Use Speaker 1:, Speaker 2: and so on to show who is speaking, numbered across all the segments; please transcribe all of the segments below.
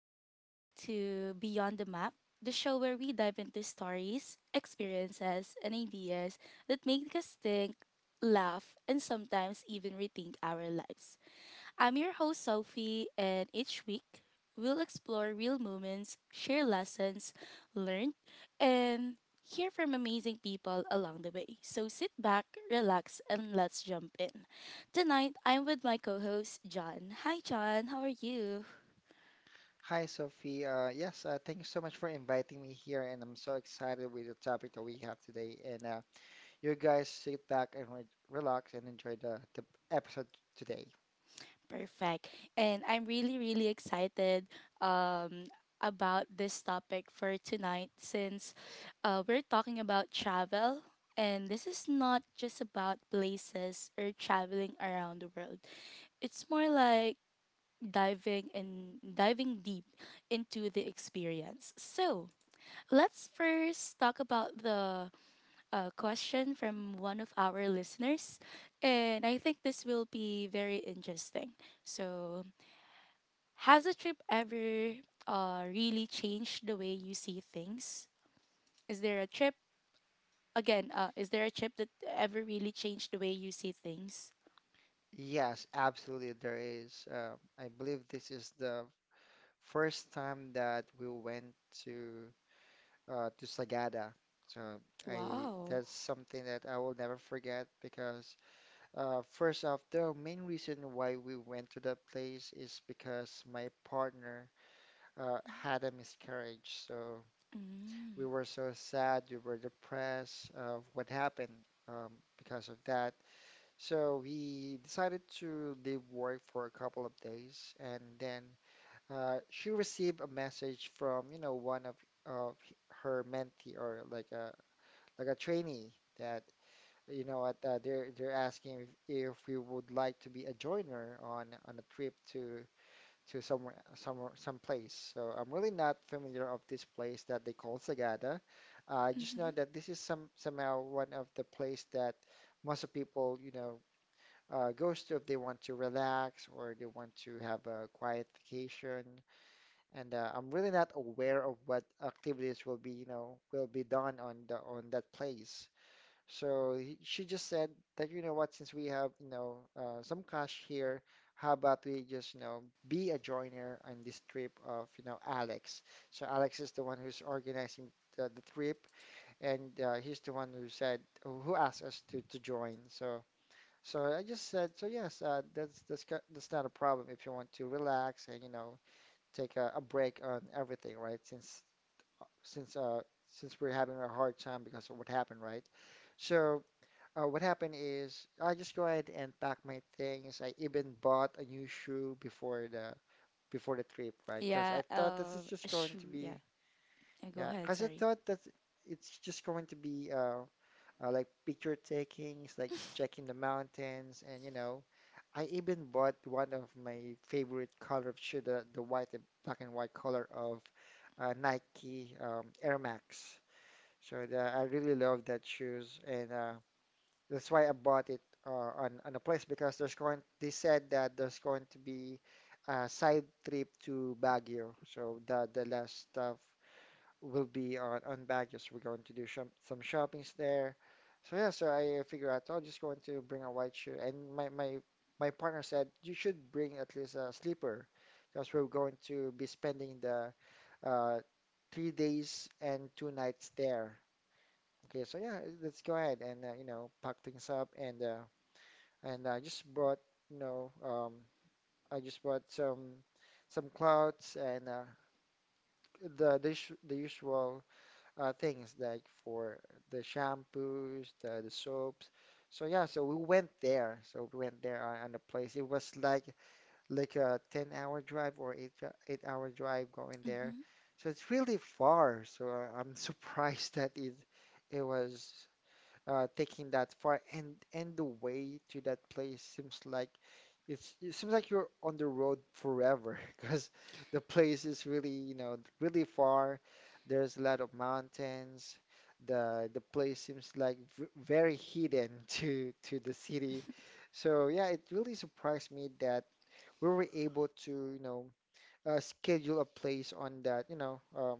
Speaker 1: welcome back to Beyond the Map, the show where we dive into stories, experiences, and ideas that make us think, laugh, and sometimes even rethink our lives. I'm your host Sophie, and each week we'll explore real moments, share lessons learned, and hear from amazing people along the way. So sit back, relax, and let's jump in. Tonight, I'm with my co host John. Hi, John, how are you?
Speaker 2: Hi, Sophie. Yes, thank you so much for inviting me here, and I'm so excited with the topic that we have today. And you guys sit back and re relax and enjoy the episode today.
Speaker 1: Perfect. And I'm really, really excited um, about this topic for tonight since we're talking about travel. And this is not just about places or traveling around the world, it's more like diving deep into the experience. So, let's first talk about the question from one of our listeners. And I think this will be very interesting. So, has a trip ever really changed the way you see things? Is there a trip again? Is there a trip that ever really changed the way you see things?
Speaker 2: Yes, absolutely, there is. I believe this is the first time that we went to to Sagada. So I
Speaker 1: Wow.
Speaker 2: that's something that I will never forget because first off, the main reason why we went to that place is because my partner. Had a miscarriage. So we
Speaker 1: Mm.
Speaker 2: were so sad, we were depressed of what happened um, because of that. So he decided to leave work for a couple of days, and then she received a message from, one of of her mentee or like a trainee that. You know what? They're asking if we would like to be a joiner on a trip to somewhere, somewhere, some place. So I'm really not familiar of this place that they call Sagada. I just
Speaker 1: Mm-hmm.
Speaker 2: know that this is some somehow one of the place that most of people, goes to if they want to relax or they want to have a quiet vacation. And I'm really not aware of what activities will be, will be done on the on that place. So he, she just said that, since we have, some cash here, how about we just, be a joiner on this trip of, Alex. So Alex is the one who's organizing the trip, and he's the one who said, who asked us to join. So, so I just said, so yes, that's not a problem if you want to relax and, take a break on everything, right? Since, uh, since we're having a hard time because of what happened, right? So, what happened is I just go ahead and pack my things. I even bought a new shoe before the trip, right? Because
Speaker 1: Yeah.
Speaker 2: I thought this is just going
Speaker 1: Shoo.
Speaker 2: to
Speaker 1: Yeah.
Speaker 2: be
Speaker 1: yeah. Go
Speaker 2: yeah.
Speaker 1: ahead.
Speaker 2: Because I
Speaker 1: Sorry.
Speaker 2: thought that it's just going to be like picture takings, like checking the mountains, and you know I even bought one of my favorite color of shoe, the white and black and white color of Nike Air Max. So the, I really love that shoes and. That's why I bought it on a place because there's going they said that there's going to be a side trip to Baguio. So the last stuff will be on Baguio. So we're going to do some shoppings there. So yeah, so I figure out I'm just going to bring a white shoe. And my my partner said you should bring at least a sleeper because we're going to be spending the uh, 3 days and 2 nights there. Okay, so yeah, let's go ahead and you know pack things up and I just brought you know um, I just brought some clothes and the usual things like for the shampoos, the soaps. So yeah, so we went there. So we went there on the place. It was like a 10 hour drive or 8 hour drive going there.
Speaker 1: Mm-hmm.
Speaker 2: So it's really far. So I, I'm surprised that it was taking that far and the way to that place seems like it's it seems like you're on the road forever because the place is really you know really far. There's a lot of mountains. The place seems like v very hidden to the city. So yeah, it really surprised me that we were able to schedule a place on that, you know, um,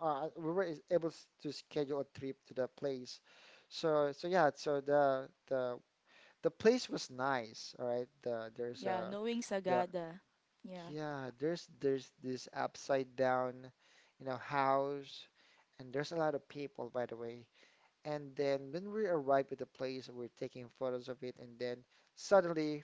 Speaker 2: uh, we were able to schedule a trip to that place. So, so yeah, so the place was nice, all right. The there's
Speaker 1: Yeah.
Speaker 2: a
Speaker 1: Knowing
Speaker 2: the
Speaker 1: Sagada. Yeah.
Speaker 2: yeah, there's this upside down, house, and there's a lot of people, by the way. And then when we arrived at the place, we're taking photos of it, and then suddenly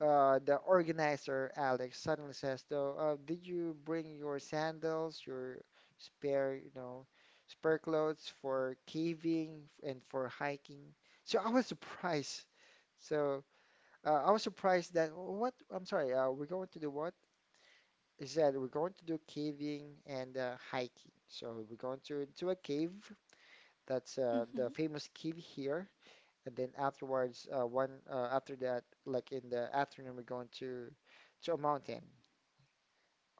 Speaker 2: the organizer, Alex, suddenly says, though, did you bring your sandals, your spare, spare clothes for caving and for hiking? So I was surprised. So I was surprised that "Oh, what, I'm sorry, we're going to do what? He said, we're going to do caving and hiking. So we're going to into a cave. That's the
Speaker 1: Mm-hmm.
Speaker 2: famous cave here, and then afterwards, one after that, like in the afternoon, we're going to a mountain,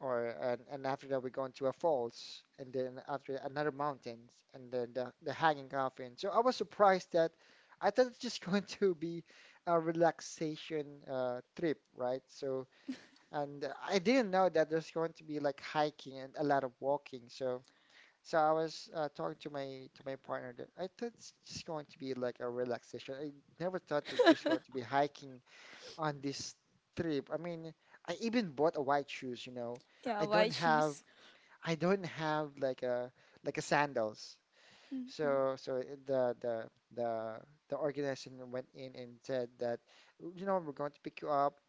Speaker 2: or and after that, we're going to a falls, and then after that, another mountains, and then the hanging coffin. So I was surprised that I thought it's just going to be a relaxation trip, right? So and I didn't know that there's going to be like hiking and a lot of walking. So so I was talking to my partner that I thought it's just going to be like a relaxation. I never thought that there's going to be hiking on this trip. I mean, I even bought a white shoes, you know.
Speaker 1: Yeah.
Speaker 2: I
Speaker 1: Why
Speaker 2: don't have
Speaker 1: choose?
Speaker 2: I don't have like a sandals.
Speaker 1: Mm-hmm.
Speaker 2: So so the the organization went in and said that, we're going to pick you up.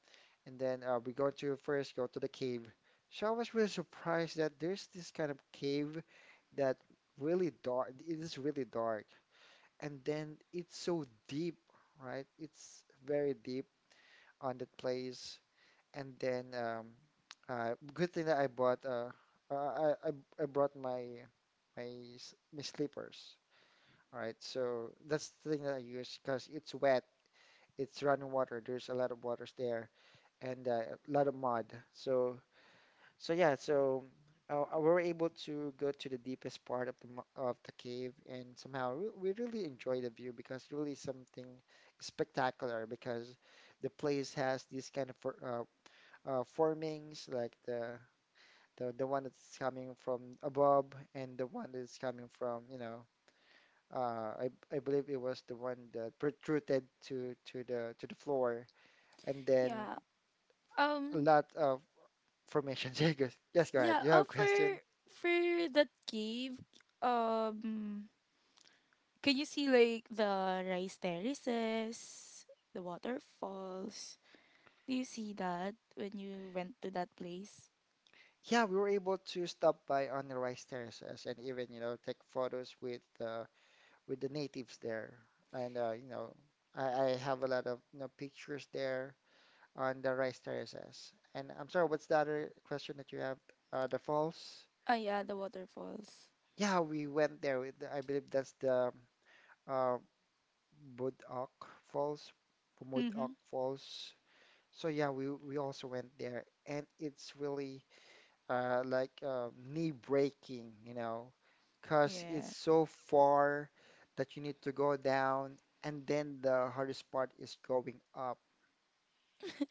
Speaker 2: And then we go to first go to the cave. So I was really surprised that there's this kind of cave that really dark. It is really dark, and then it's so deep, right? It's very deep on that place. And then good thing that I bought uh, I, I I brought my my slippers. All right, so that's the thing that I use because it's wet. It's running water. There's a lot of waters there and a lot of mud. So so yeah, so we were able to go to the deepest part of of the cave, and somehow we really enjoy the view because really something spectacular because the place has these kind of formings like the one that's coming from above and the one that's coming from you know I believe it was the one that protruded to the floor, and then
Speaker 1: Yeah.
Speaker 2: a
Speaker 1: Um.
Speaker 2: lot of formations. Yeah, yes, go ahead.
Speaker 1: Yeah.
Speaker 2: You have
Speaker 1: Uh,
Speaker 2: a
Speaker 1: for
Speaker 2: question?
Speaker 1: for that cave. Um. Can you see like the rice terraces, the waterfalls? Do you see that when you went to that place?
Speaker 2: Yeah, we were able to stop by on the rice terraces and even, you know, take photos with the natives there. And you know, I have a lot of you know, pictures there on the rice terraces. And I'm sorry, what's the other question that you have? The falls?
Speaker 1: Ah, yeah, the waterfalls.
Speaker 2: Yeah, we went there with, I believe that's the uh, Budok Falls, Pumudok
Speaker 1: Mhm.
Speaker 2: Falls. So yeah, we also went there, and it's really knee breaking, you know, because it's
Speaker 1: Yeah.
Speaker 2: so far that you need to go down, and then the hardest part is going up.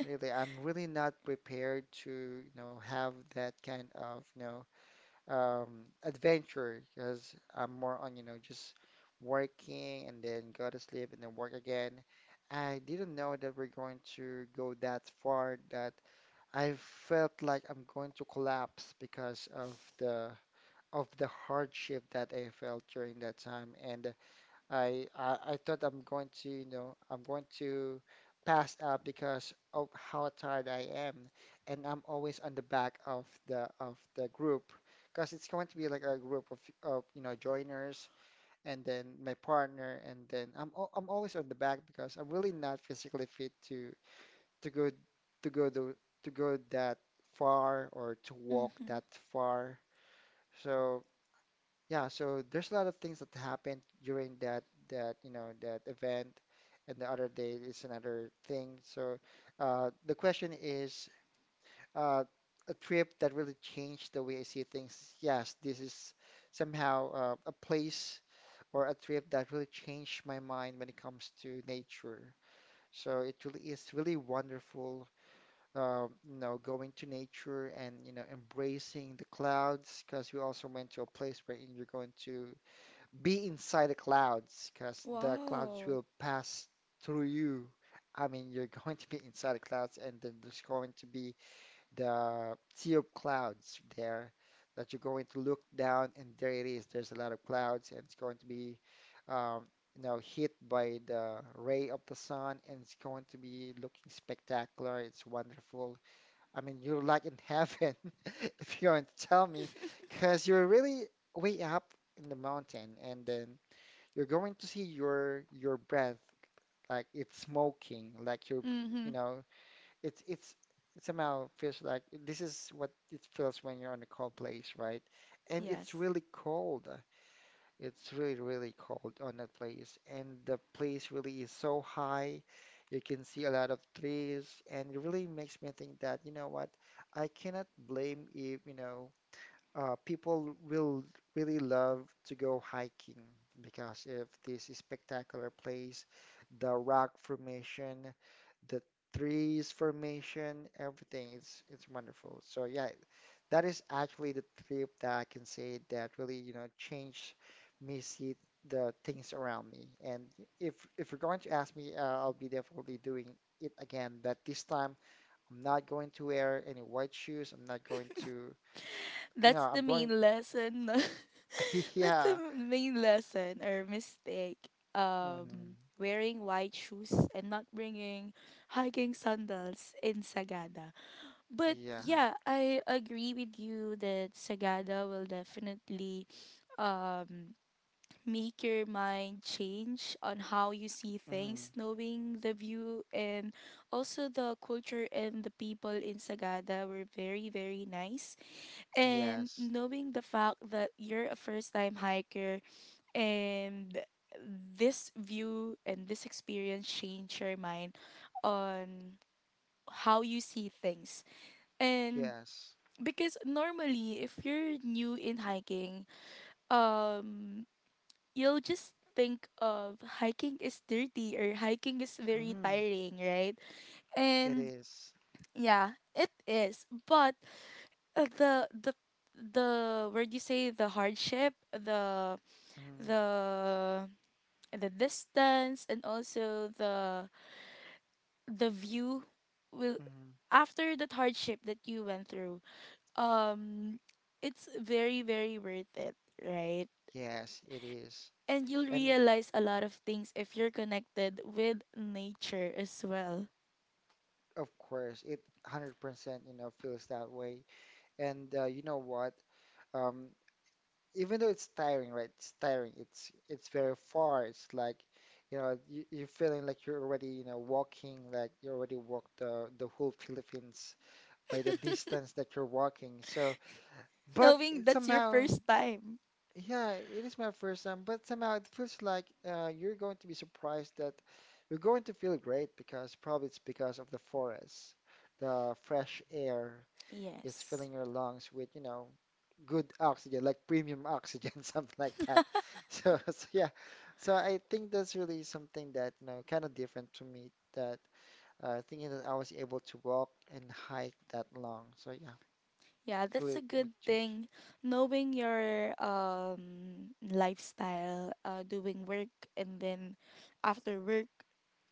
Speaker 2: Really, I'm really not prepared to, have that kind of, adventure because I'm more on, just working and then go to sleep and then work again. I didn't know that we're going to go that far, that I felt like I'm going to collapse because the of the hardship that I felt during that time, and I thought I'm going to, I'm going to pass out because of how tired I am, and I'm always on the back of the group, because it's going to be like a group of you know joiners, and then my partner, and then I'm always on the back because I'm really not physically fit to go to go to to go that far or to walk
Speaker 1: Mhm.
Speaker 2: that far. So yeah, so there's a lot of things that happened during that you know that event, and the other day is another thing. So the question is uh, a trip that really changed the way I see things. Yes, this is somehow a place or a trip that really changed my mind when it comes to nature. So it really is really wonderful, you know, going to nature and you know embracing the clouds because we also went to a place where you're going to be inside the clouds because the clouds
Speaker 1: Wow.
Speaker 2: will pass through you. I mean, you're going to be inside the clouds, and then there's going to be the sea of clouds there that you're going to look down, and there it is. There's a lot of clouds, and it's going to be, um, you know, hit by the ray of the sun, and it's going to be looking spectacular. It's wonderful. I mean, you're like in heaven, if you're going to tell me, because you're really way up in the mountain, and then you're going to see your breath like it's smoking like you're you
Speaker 1: Mhm.
Speaker 2: know it's somehow feels like this is what it feels when you're on a cold place, right? And
Speaker 1: Yes.
Speaker 2: it's really cold. It's really really cold on that place, and the place really is so high. You can see a lot of trees, and it really makes me think that, you know what, I cannot blame if, you know, people will really love to go hiking because of this spectacular place, the rock formation, the trees formation, everything. It's wonderful. So yeah, that is actually the trip that I can say that really, you know, changed me see the things around me. And if you're going to ask me, I'll be definitely doing it again. But this time, I'm not going to wear any white shoes. I'm not going to you know,
Speaker 1: That's the
Speaker 2: I'm going
Speaker 1: main lesson. That's the
Speaker 2: Yeah.
Speaker 1: main lesson or mistake.
Speaker 2: Hmm.
Speaker 1: Wearing white shoes and not bringing hiking sandals in Sagada. But
Speaker 2: Yeah.
Speaker 1: yeah, I agree with you that Sagada will definitely um make your mind change on how you see
Speaker 2: Hmm.
Speaker 1: things, knowing the view and also the culture, and the people in Sagada were very, very nice. And
Speaker 2: Yes.
Speaker 1: knowing the fact that you're a first time hiker, and this view and this experience changed your mind on how you see things. and
Speaker 2: Yes.
Speaker 1: because normally if you're new in hiking, um you'll just think of hiking is dirty or hiking is very
Speaker 2: Hmm.
Speaker 1: tiring, right?
Speaker 2: It
Speaker 1: and
Speaker 2: is.
Speaker 1: yeah it is, but uh, the the the where do you say, the hardship, the
Speaker 2: Mm-hmm.
Speaker 1: the the distance and also the view will,
Speaker 2: Mm-hmm.
Speaker 1: after that hardship that you went through, um it's very, very worth it, right?
Speaker 2: Yes, it is.
Speaker 1: And you'll
Speaker 2: And it,
Speaker 1: realize a lot of things if you're connected with nature as well.
Speaker 2: of course, it 100%, you know, feels that way. And you know what? Um, Even though it's tiring, right? It's tiring. It's very far. It's like, you know, you're feeling like you're already, you know, walking, like you already walked the whole Philippines by the distance that you're walking. So but
Speaker 1: Knowing
Speaker 2: it
Speaker 1: that's your
Speaker 2: somehow,
Speaker 1: first time.
Speaker 2: yeah, it is my first time, but somehow it feels like you're going to be surprised that you're going to feel great because probably it's because of the forest. The fresh air is
Speaker 1: Yes.
Speaker 2: filling your lungs with, you know, good oxygen, like premium oxygen, something like that. So yeah, so I think that's really something that, you know, kind of different to me that thinking that I was able to walk and hike that long. So yeah,
Speaker 1: Yeah,
Speaker 2: it
Speaker 1: that's
Speaker 2: really
Speaker 1: a
Speaker 2: make
Speaker 1: good
Speaker 2: change.
Speaker 1: thing. Knowing your lifestyle, doing work, and then after work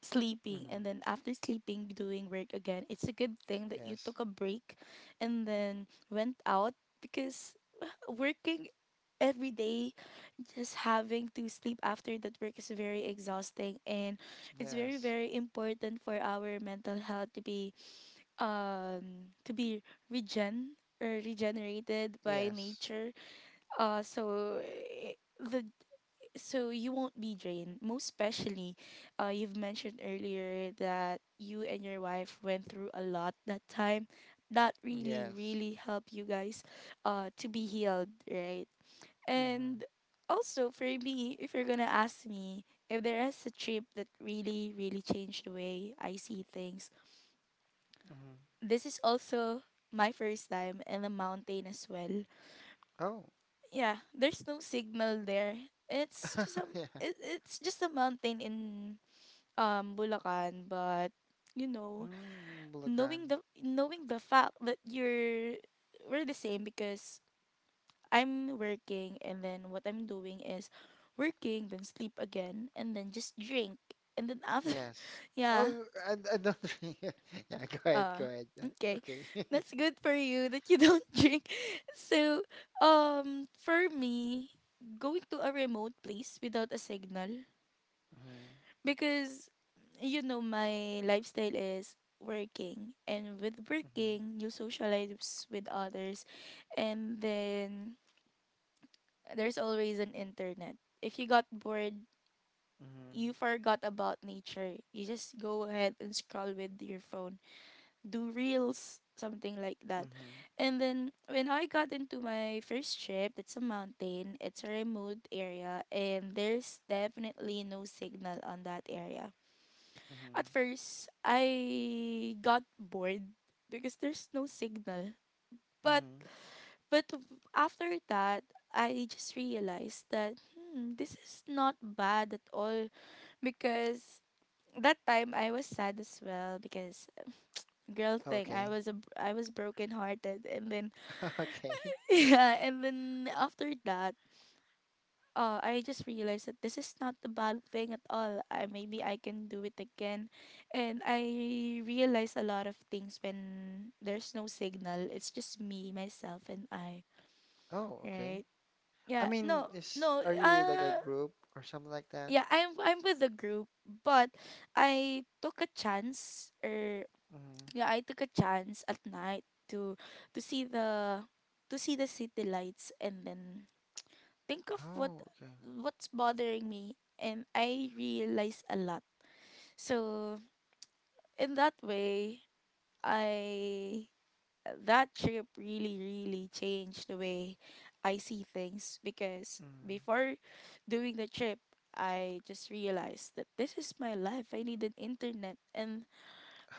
Speaker 1: sleeping,
Speaker 2: Hmm.
Speaker 1: and then after sleeping doing work again. It's a good thing that you
Speaker 2: Yes.
Speaker 1: took a break and then went out, because working every day, just having to sleep after that work, is very exhausting. And it's very,
Speaker 2: Yes.
Speaker 1: very important for our mental health to be um to be regen, or regenerated, by
Speaker 2: Yes.
Speaker 1: nature. Uh so eh, the so you won't be drained. Most especially, you've mentioned earlier that you and your wife went through a lot that time. That really,
Speaker 2: Yes.
Speaker 1: really helped you guys to be healed, right?
Speaker 2: Mm-hmm.
Speaker 1: And also for me, if you're gonna ask me if there is a trip that really, really changed the way I see things,
Speaker 2: Mm-hmm.
Speaker 1: this is also my first time in the mountain as well.
Speaker 2: Oh,
Speaker 1: Yeah, there's no signal there. It's just a
Speaker 2: yeah.
Speaker 1: it's just a mountain in Bulacan, but you know,
Speaker 2: Mm, Bulacan.
Speaker 1: knowing the fact that you're we're the same. Because I'm working, and then what I'm doing is working, then sleep again, and then just drink. And then after
Speaker 2: Yes.
Speaker 1: yeah,
Speaker 2: Oh, I don't think. Yeah, go
Speaker 1: uh
Speaker 2: ahead. Yeah,
Speaker 1: okay.
Speaker 2: okay.
Speaker 1: That's good for you that you don't drink. So for me, going to a remote place without a signal,
Speaker 2: Mm-hmm.
Speaker 1: because you know my lifestyle is working, and with working you socialize with others. And then there's always an internet if you got bored,
Speaker 2: Mm-hmm. Mm-hmm.
Speaker 1: you forgot about nature. You just go ahead and scroll with your phone, do reels, something like that.
Speaker 2: Mm-hmm.
Speaker 1: And then when I got into my first trip, it's a mountain, it's a remote area, and there's definitely no signal on that area.
Speaker 2: Mm-hmm.
Speaker 1: At first, I got bored because there's no signal. But
Speaker 2: Mm-hmm.
Speaker 1: but after that, I just realized that hmm, this is not bad at all. Because that time I was sad as well, because girl thing,
Speaker 2: Okay.
Speaker 1: I was broken hearted. And then
Speaker 2: Okay.
Speaker 1: yeah, and then after that, I just realized that this is not a bad thing at all. I, maybe I can do it again. And I realize a lot of things when there's no signal, it's just me, myself, and I,
Speaker 2: Oh, okay.
Speaker 1: right?
Speaker 2: I
Speaker 1: Yeah.
Speaker 2: mean,
Speaker 1: No,
Speaker 2: is
Speaker 1: no,
Speaker 2: are you like a group or something like that?
Speaker 1: yeah, I'm with the group, but I took a chance or,
Speaker 2: Mm-hmm.
Speaker 1: yeah, I took a chance at night to see the, to see the city lights, and then think of what,
Speaker 2: Oh, okay.
Speaker 1: what's bothering me. And I realized a lot. So in that way, I that trip really, really changed the way I see things. Because before doing the trip, I just realized that this is my life, I need an internet. And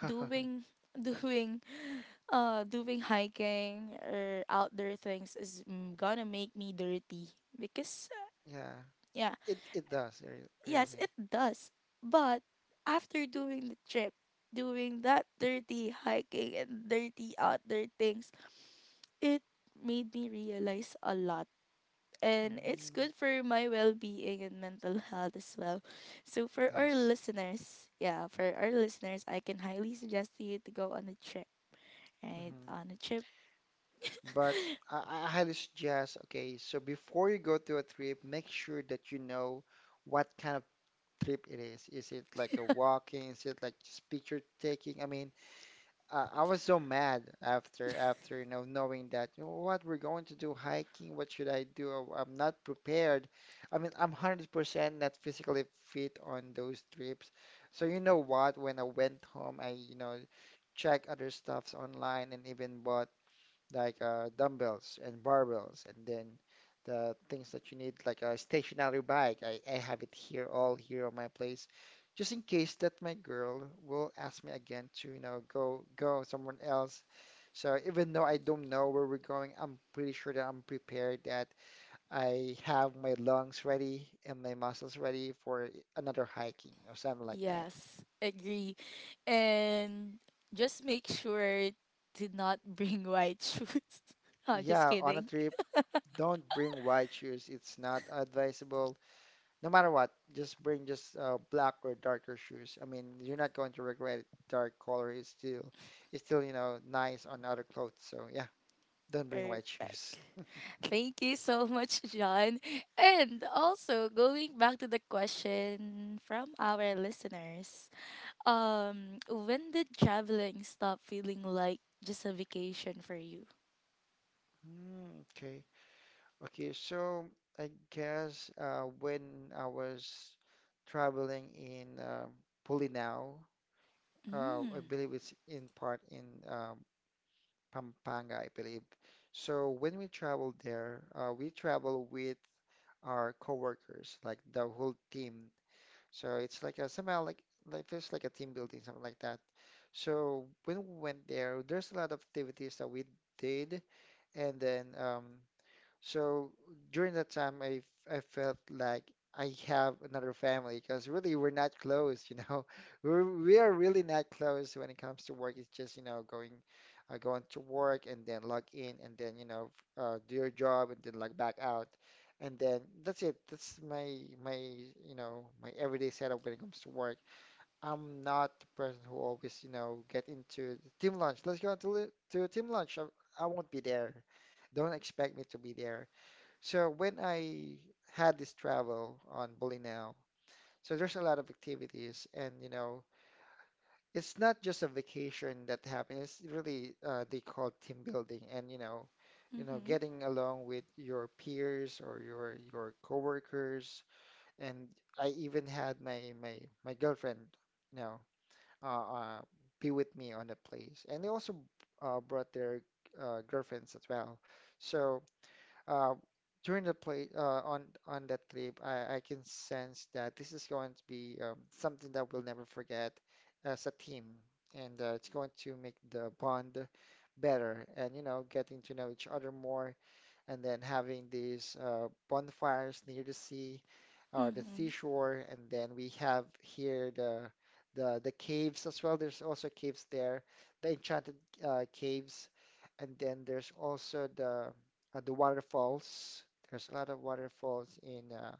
Speaker 2: Mm.
Speaker 1: doing doing doing hiking or outdoor things is, mm, gonna make me dirty, because
Speaker 2: Yeah.
Speaker 1: yeah,
Speaker 2: It does
Speaker 1: yes
Speaker 2: really.
Speaker 1: it does. But after doing the trip, doing that dirty hiking and dirty outdoor things, it made me realize a lot, and it's
Speaker 2: Mm.
Speaker 1: good for my well-being and mental health as well. So for our
Speaker 2: Yes.
Speaker 1: listeners, yeah, for our listeners, I can highly suggest to you to go on a trip, right,
Speaker 2: Hmm.
Speaker 1: on a trip.
Speaker 2: But I highly suggest, okay, so before you go to a trip, make sure that you know what kind of trip it is. Is it like a walking? Is it like just picture taking? I mean, I was so mad after you know knowing that you know what we're going to do hiking. What should I do? Oh, I'm not prepared. I mean, I'm 100% not physically fit on those trips. So you know what? When I went home, I you know checked other stuffs online and even bought like dumbbells and barbells, and then the things that you need, like a stationary bike. I have it here, all here on my place, just in case that my girl will ask me again to, you know, go someone else. So even though I don't know where we're going, I'm pretty sure that I'm prepared that I have my lungs ready and my muscles ready for another hiking or something like that.
Speaker 1: Yes, agree. And just make sure to not bring white shoes. Oh, just
Speaker 2: Yeah, on a
Speaker 1: kidding.
Speaker 2: trip, don't bring white shoes. It's not advisable. No matter what, just bring just black or darker shoes. I mean, you're not going to regret it. Dark color is still, you know, nice on other clothes. So yeah, don't bring white
Speaker 1: Perfect.
Speaker 2: shoes.
Speaker 1: Thank you so much, John. And also going back to the question from our listeners. When did traveling stop feeling like just a vacation for you?
Speaker 2: Mm, okay. Okay, so I guess when I was traveling in Pulinao, I
Speaker 1: Mm.
Speaker 2: believe it's in part in um, Pampanga, I believe. So when we traveled there, we travel with our coworkers, like the whole team. So it's like a, somehow like feels like a team building, something like that. So when we went there, there's a lot of activities that we did, and then so during that time, I felt like I have another family because really we're not close, you know. We are really not close when it comes to work. It's just, you know, going to work and then log in and then, you know, do your job and then log back out. And then that's it. That's you know, my everyday setup when it comes to work. I'm not the person who always, you know, get into the team lunch. Let's go to to team lunch. I won't be there. Don't expect me to be there. So when I had this travel on Bolinao, so there's a lot of activities, and you know, it's not just a vacation that happens. It's really they call team building, and you know,
Speaker 1: Mm-hmm.
Speaker 2: getting along with your peers or your coworkers. And I even had my girlfriend, you know, uh, uh, be with me on the place, and they also brought their girlfriends as well. So uh, during the play on that trip, I can sense that this is going to be something that we'll never forget as a team, and it's going to make the bond better, and you know, getting to know each other more, and then having these bonfires near the sea, or the
Speaker 1: Mm-hmm.
Speaker 2: seashore, and then we have here the the caves as well. There's also caves there, the enchanted caves, and then there's also the waterfalls. There's a lot of waterfalls uh,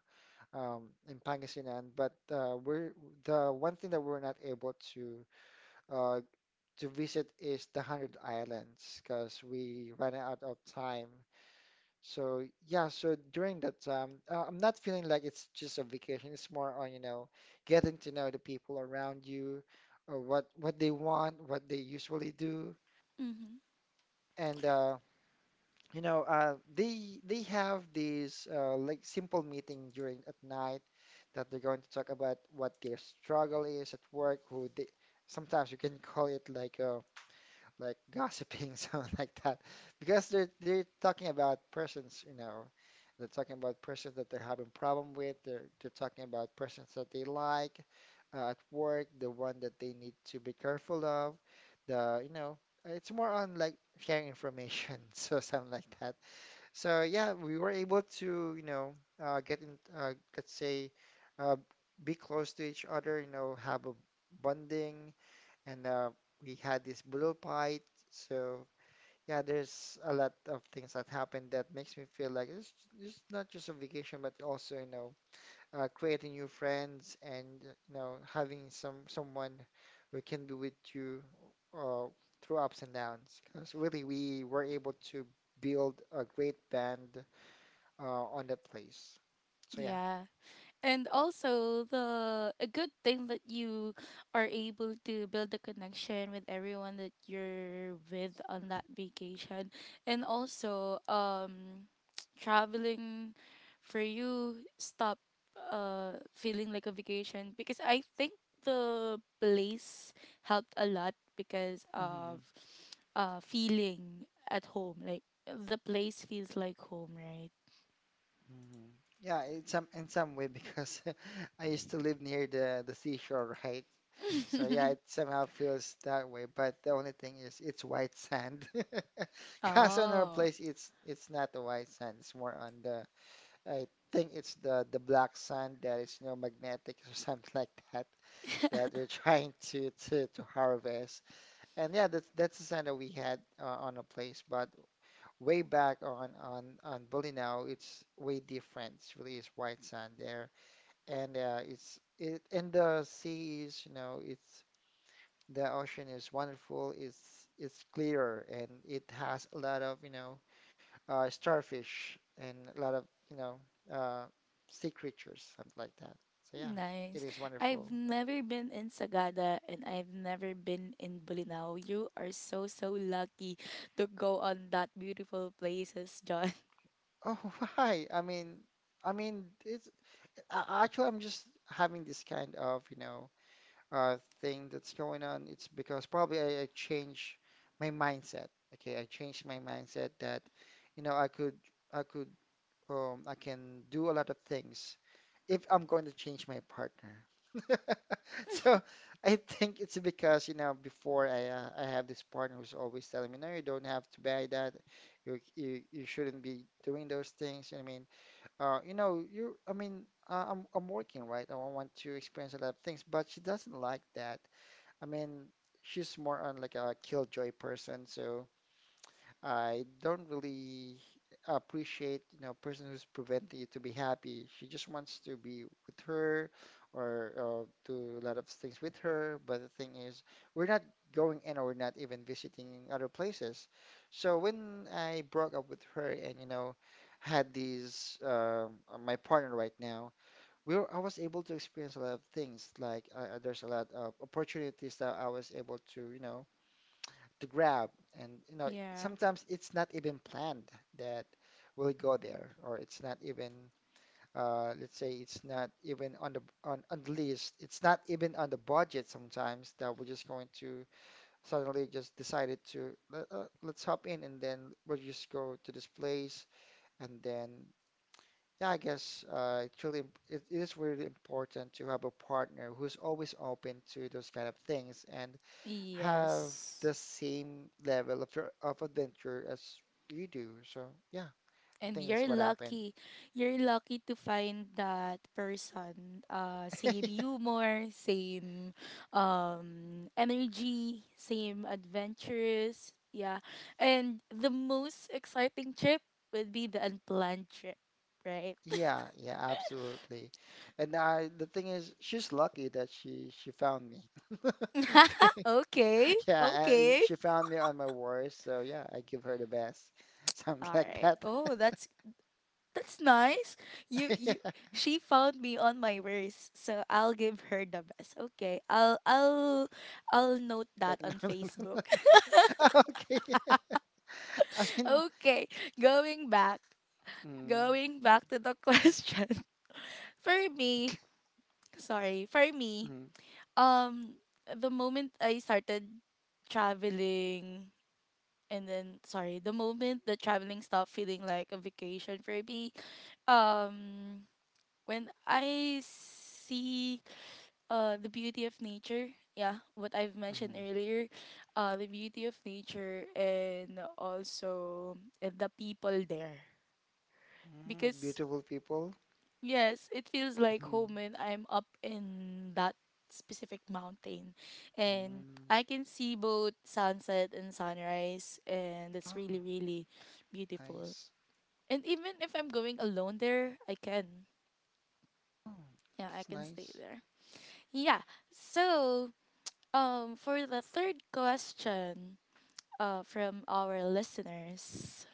Speaker 2: um, in Pangasinan, but we're the one thing that we're not able uh, to visit is the Hundred Islands because we ran out of time. So yeah, so during that time, I'm not feeling like it's just a vacation. It's more on, you know, getting to know the people around you, or what they want, what they usually do,
Speaker 1: Mm-hmm.
Speaker 2: and you know, they have these like simple meeting during at night that they're going to talk about what their struggle is at work. Who they sometimes you can call it like a like gossiping, something like that, because they're talking about persons, you know, they're talking about persons that they're having problem with. They're talking about persons that they like at work, the one that they need to be careful of. The you know, it's more on like sharing information, so something like that. So yeah, we were able to you know let's say, uh, be close to each other. You know, have a bonding and we had this blue pie. So yeah, there's a lot of things that happened that makes me feel like it's just not just a vacation, but also, you know, creating new friends and you know having someone who can be with you uh, through ups and downs. Because really, we were able to build a great band on that place. So yeah.
Speaker 1: Yeah. And also, the a good thing that you are able to build a connection with everyone that you're with on that vacation. And also traveling for you stop feeling like a vacation, because I think the place helped a lot, because of
Speaker 2: Mm-hmm.
Speaker 1: feeling at home. Like the place feels like home, right?
Speaker 2: Mhm. Yeah, in some way because I used to live near the seashore, right? So yeah, it somehow feels that way. But the only thing is, it's white sand. Cause on our
Speaker 1: Oh.
Speaker 2: place, it's not the white sand. It's more on the I think it's the black sand that is no magnetic or something like that that they're trying to to harvest. And yeah, that's the sand that we had on a place. But way back on Bolinao, it's way different. It's really is white sand there, and it's it and the sea is you know it's the ocean is wonderful. It's clearer and it has a lot of you know starfish and a lot of you know uh, sea creatures, something like that. So yeah, it
Speaker 1: Nice.
Speaker 2: is
Speaker 1: I've
Speaker 2: wonderful.
Speaker 1: never been in Sagada, and I've never been in Bulinao. You are so, so lucky to go on that beautiful places, John.
Speaker 2: Oh, why? I mean, it's actually I'm just having this kind of you know thing that's going on, it's because probably I change my mindset. Okay, I changed my mindset that, you know, I could, I can do a lot of things if I'm going to change my partner. So I think it's because, you know, before I have this partner who's always telling me, no, you don't have to buy that. You shouldn't be doing those things. I mean, you know, I mean, I'm working, right? I want to experience a lot of things, but she doesn't like that. I mean, she's more on like a killjoy person, so I don't really appreciate, you know, person who's preventing you to be happy. She just wants to be with her or do a lot of things with her. But the thing is, we're not going and we're not even visiting other places. So when I broke up with her and, you know, had these my partner right now I was able to experience a lot of things. Like there's a lot of opportunities that I was able to, you know, to grab. And you know,
Speaker 1: Yeah.
Speaker 2: sometimes it's not even planned that we'll go there, or it's not even, let's say, it's not even on on the list. It's not even on the budget sometimes that we're just going to suddenly just decided to let, let's hop in and then we'll just go to this place and then yeah, I guess it's really it is really important to have a partner who's always open to those kind of things and have
Speaker 1: Yes.
Speaker 2: the same level of of adventure as you do. So yeah, I
Speaker 1: And
Speaker 2: think that's
Speaker 1: you're
Speaker 2: what happened.
Speaker 1: lucky. You're lucky to find that person. Same humor, same energy, same adventures. Yeah. And the most exciting trip would be the unplanned trip, right?
Speaker 2: Yeah, yeah, absolutely. The thing is, she's lucky that she found me.
Speaker 1: Okay.
Speaker 2: Yeah, and
Speaker 1: Okay.
Speaker 2: she found me on my worst, so yeah, I give her the best, something
Speaker 1: All
Speaker 2: like
Speaker 1: right.
Speaker 2: that.
Speaker 1: Oh, that's nice. You
Speaker 2: Yeah.
Speaker 1: you she found me on my worst, so I'll give her the best. Okay. I'll note that
Speaker 2: Like no,
Speaker 1: on
Speaker 2: no, no, no.
Speaker 1: Facebook.
Speaker 2: Okay. I mean,
Speaker 1: Okay. Going back.
Speaker 2: mm,
Speaker 1: Going back to the question. For me, sorry. For me,
Speaker 2: mm,
Speaker 1: um the moment I started traveling, and then sorry, the moment the traveling stopped feeling like a vacation for me, um when I see the beauty of nature. Yeah, what I've mentioned
Speaker 2: mm,
Speaker 1: earlier, the beauty of nature and also the people there.
Speaker 2: mm,
Speaker 1: Because
Speaker 2: beautiful people.
Speaker 1: yes, it feels like
Speaker 2: Mm,
Speaker 1: home when I'm up in that specific mountain, and
Speaker 2: mm.
Speaker 1: I can see both sunset and sunrise, and
Speaker 2: Oh,
Speaker 1: it's really, really beautiful.
Speaker 2: nice.
Speaker 1: And even if I'm going alone there, I can.
Speaker 2: Oh,
Speaker 1: Yeah, I
Speaker 2: that's
Speaker 1: can stay
Speaker 2: nice.
Speaker 1: there. Yeah. So, for the third question, from our listeners,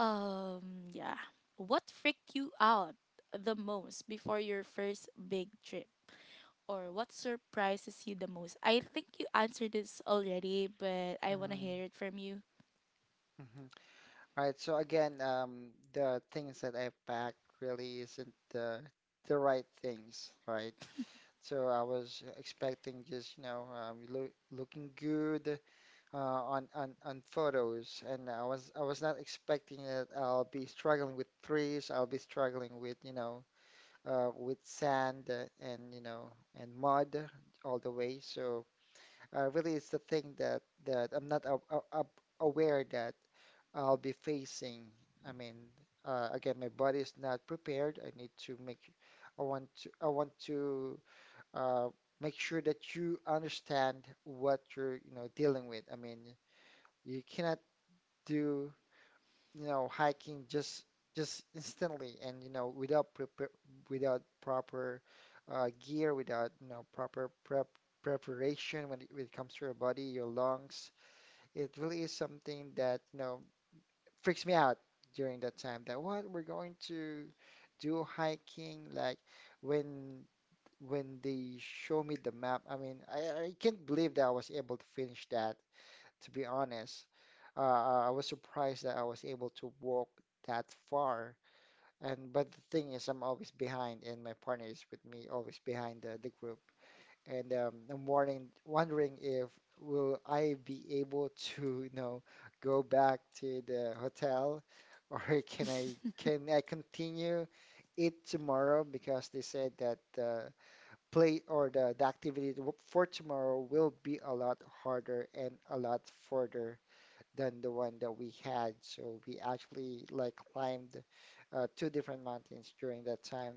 Speaker 1: yeah, what freaked you out the most before your first big trip, or what surprises you the most? I think you answered this already, but I wanna
Speaker 2: Mm,
Speaker 1: hear it from you.
Speaker 2: mhm. All right. So again, the things that I packed really isn't the right things, right? So I was expecting just, you know, um, looking good, on photos, and I was not expecting that I'll be struggling with trees. I'll be struggling with you know with sand and you know and mud all the way. So really, it's the thing that I'm not aware that I'll be facing. I mean, again, my body is not prepared. I need to make. I want to. I want to uh, make sure that you understand what you're, you know, dealing with. I mean, you cannot do, you know, hiking just instantly and you know without prepare without proper gear, without you know proper preparation when it comes to your body, your lungs. It really is something that you know freaks me out during that time. That what we're going to do hiking like when when they show me the map. I mean, I can't believe that I was able to finish that to be honest. I was surprised that I was able to walk that far. And but the thing is, I'm always behind, and my partner is with me, always behind the group. And I'm wondering if will I be able to, you know, go back to the hotel, or can I continue it tomorrow? Because they said that the play or the activity for tomorrow will be a lot harder and a lot further than the one that we had. So we actually like climbed two different mountains during that time.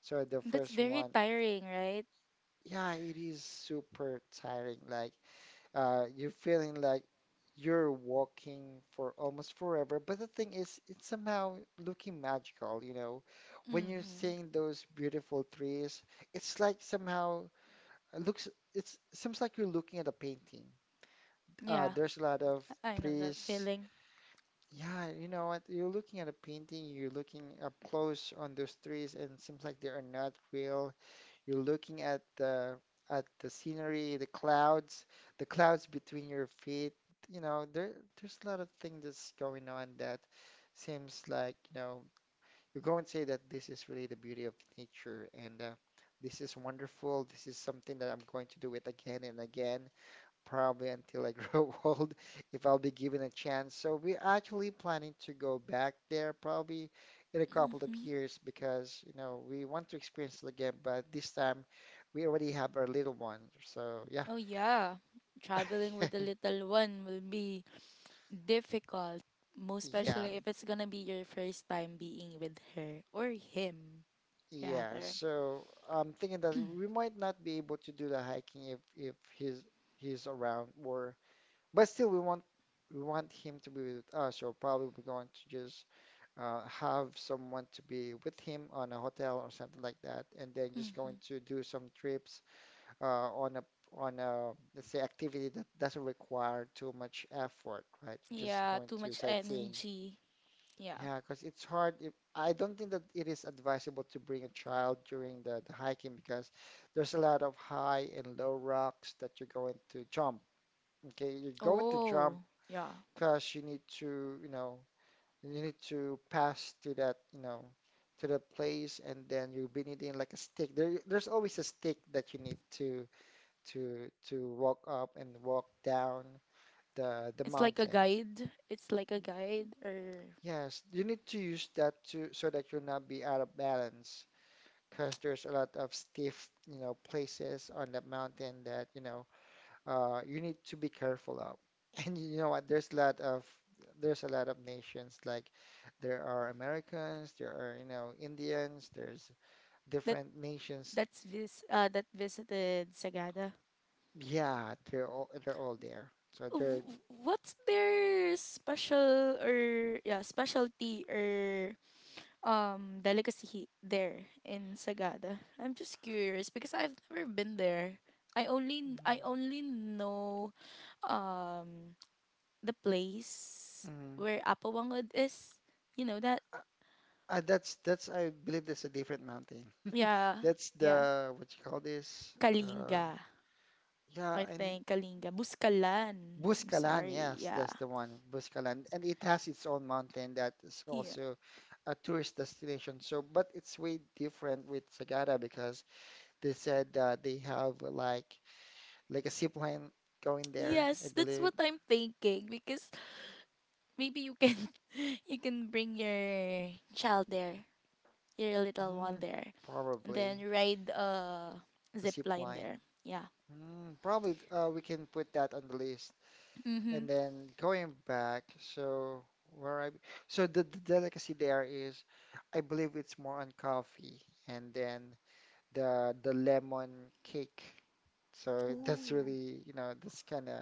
Speaker 2: So the
Speaker 1: That's
Speaker 2: first
Speaker 1: very
Speaker 2: one,
Speaker 1: tiring, right?
Speaker 2: yeah, it is super tiring. Like you're feeling like you're walking for almost forever. But the thing is, it's somehow looking magical, you know. When you're
Speaker 1: Mm-hmm.
Speaker 2: seeing those beautiful trees, it's like somehow it looks, it's, seems like you're looking at a painting.
Speaker 1: Yeah,
Speaker 2: There's a lot of
Speaker 1: I know that
Speaker 2: trees.
Speaker 1: feeling.
Speaker 2: Yeah, you know what? You're looking at a painting, you're looking up close on those trees, and it seems like they are not real. You're looking at the scenery, the clouds between your feet. You know, there's a lot of things that's going on that seems like, you know, you are going to say that this is really the beauty of nature, and this is wonderful. This is something that I'm going to do it again and again probably until I grow old if I'll be given a chance. So we're actually planning to go back there probably in a couple of
Speaker 1: Mm-hmm.
Speaker 2: years because, you know, we want to experience it again, but this time we already have our little one. So yeah.
Speaker 1: Oh yeah, traveling with a little one will be difficult, most
Speaker 2: Yeah.
Speaker 1: especially if it's gonna be your first time being with her or him,
Speaker 2: Yeah.
Speaker 1: rather.
Speaker 2: So I'm thinking that we might not be able to do the hiking if he's around or but still, we want him to be with us, or probably we're going to just have someone to be with him on a hotel or something like that, and then just
Speaker 1: Hmm.
Speaker 2: going to do some trips on a let's say activity that doesn't require too much effort, right? We're just
Speaker 1: Yeah,
Speaker 2: going
Speaker 1: too
Speaker 2: to
Speaker 1: much
Speaker 2: sightseeing.
Speaker 1: energy. Yeah.
Speaker 2: Yeah, because it's hard. If, I don't think that it is advisable to bring a child during the hiking because there's a lot of high and low rocks that you're going to jump. Okay, you're going to jump
Speaker 1: Oh, yeah.
Speaker 2: because you need to, you know, you need to pass to that, you know, to the place, and then you'll be needing like a stick. There's always a stick that you need to walk up and walk down the
Speaker 1: It's like a
Speaker 2: mountain.
Speaker 1: guide. It's like a guide or
Speaker 2: Yes, you need to use that to so that you'll not be out of balance, because there's a lot of stiff, you know, places on the mountain that, you know, you need to be careful of. And you know what? There's a lot of nations like there are Americans, there are you know Indians, there's
Speaker 1: that
Speaker 2: different nations.
Speaker 1: that's vis, that visited Sagada.
Speaker 2: Yeah, they're all there. So they're
Speaker 1: W- What's their special, or yeah, specialty, or delicacy there in Sagada? I'm just curious because I've never been there.
Speaker 2: mm,
Speaker 1: I only know um the place where Apawangod is. You know that?
Speaker 2: uh, that's I believe that's a different mountain.
Speaker 1: Yeah,
Speaker 2: That's
Speaker 1: yeah.
Speaker 2: the what you call this?
Speaker 1: Kalinga,
Speaker 2: Yeah,
Speaker 1: I
Speaker 2: and
Speaker 1: think Kalinga. Buskalan. I'm
Speaker 2: Buscalan,
Speaker 1: sorry.
Speaker 2: yes,
Speaker 1: Yeah.
Speaker 2: that's the one, Buscalan. And it has its own mountain that is
Speaker 1: Yeah.
Speaker 2: also a tourist destination. So, but it's way different with Sagada because they said they have like a zip line going there, I
Speaker 1: Yes, that's
Speaker 2: believe.
Speaker 1: what I'm thinking, because maybe you can you can bring your child there, your little one
Speaker 2: Mm,
Speaker 1: there, and
Speaker 2: probably
Speaker 1: then ride a
Speaker 2: the
Speaker 1: zip
Speaker 2: zip
Speaker 1: line
Speaker 2: line.
Speaker 1: there. Yeah.
Speaker 2: Mm, probably we can put that on the list. And
Speaker 1: Mhm.
Speaker 2: then going back, so where I so the delicacy there is, I believe it's more on coffee and then the lemon cake. So that's
Speaker 1: Ooh,
Speaker 2: really, you know, that's kind of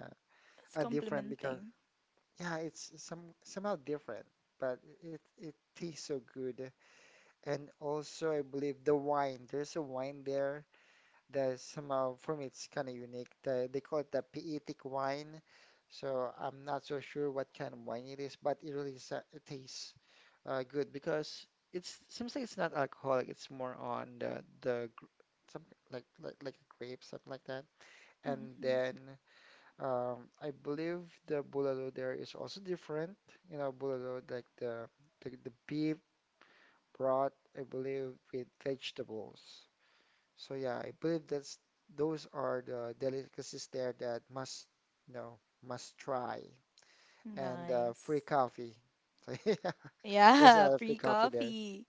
Speaker 1: that's
Speaker 2: a different because
Speaker 1: complimenting.
Speaker 2: yeah, it's some somehow different, but it tastes so good. And also, I believe the wine. There's a wine there there's somehow for me it's kind of unique. The, they call it the Piitic wine, so I'm not so sure what kind of wine it is, but it really it tastes good because it's seems like it's not alcoholic. It's more on the some like a grape something like that. And
Speaker 1: Mhm.
Speaker 2: then I believe the bulalo there is also different. You know, bulalo like the beef broth, I believe, with vegetables. So yeah, I believe that's those are the delicacies there that must, you know, must try. And free
Speaker 1: Nice.
Speaker 2: coffee. So yeah, there's a
Speaker 1: Yeah,
Speaker 2: lot of free
Speaker 1: free
Speaker 2: coffee there.
Speaker 1: coffee.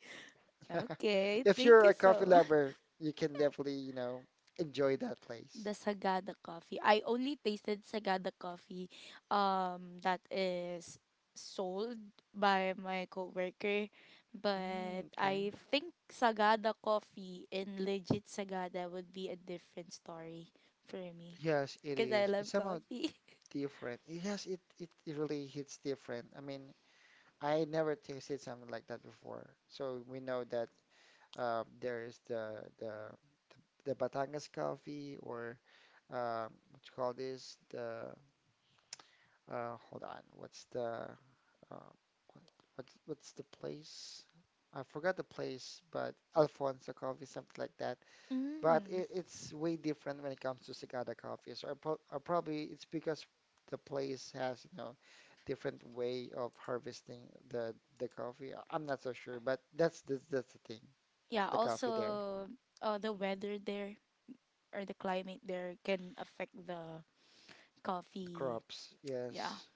Speaker 1: Okay,
Speaker 2: If
Speaker 1: thank
Speaker 2: you're
Speaker 1: you
Speaker 2: a coffee
Speaker 1: so much.
Speaker 2: lover, you can definitely, you know, enjoy that
Speaker 1: The
Speaker 2: place.
Speaker 1: Sagada coffee. I only tasted Sagada coffee that is sold by my coworker,
Speaker 2: Mm,
Speaker 1: but
Speaker 2: okay.
Speaker 1: I think Sagada coffee and legit Sagada would be a different story for me,
Speaker 2: Yes, it
Speaker 1: cuz I
Speaker 2: is. It's
Speaker 1: love
Speaker 2: somehow
Speaker 1: coffee.
Speaker 2: different. Yes, it really hits different. I mean, I never tasted something like that before. So we know that there is the Batangas coffee or what you call this? The hold on, what's the uh, what's the place? I forgot the place, but Alfonso coffee, something like that. But
Speaker 1: Mm.
Speaker 2: it's way different when it comes to Sagada coffee. So I probably it's because the place has you know different way of harvesting the coffee. I'm not so sure, but that's the thing,
Speaker 1: Yeah,
Speaker 2: the coffee there.
Speaker 1: also the weather there or the climate there can affect the
Speaker 2: The
Speaker 1: coffee.
Speaker 2: crops,
Speaker 1: Yeah.
Speaker 2: yes.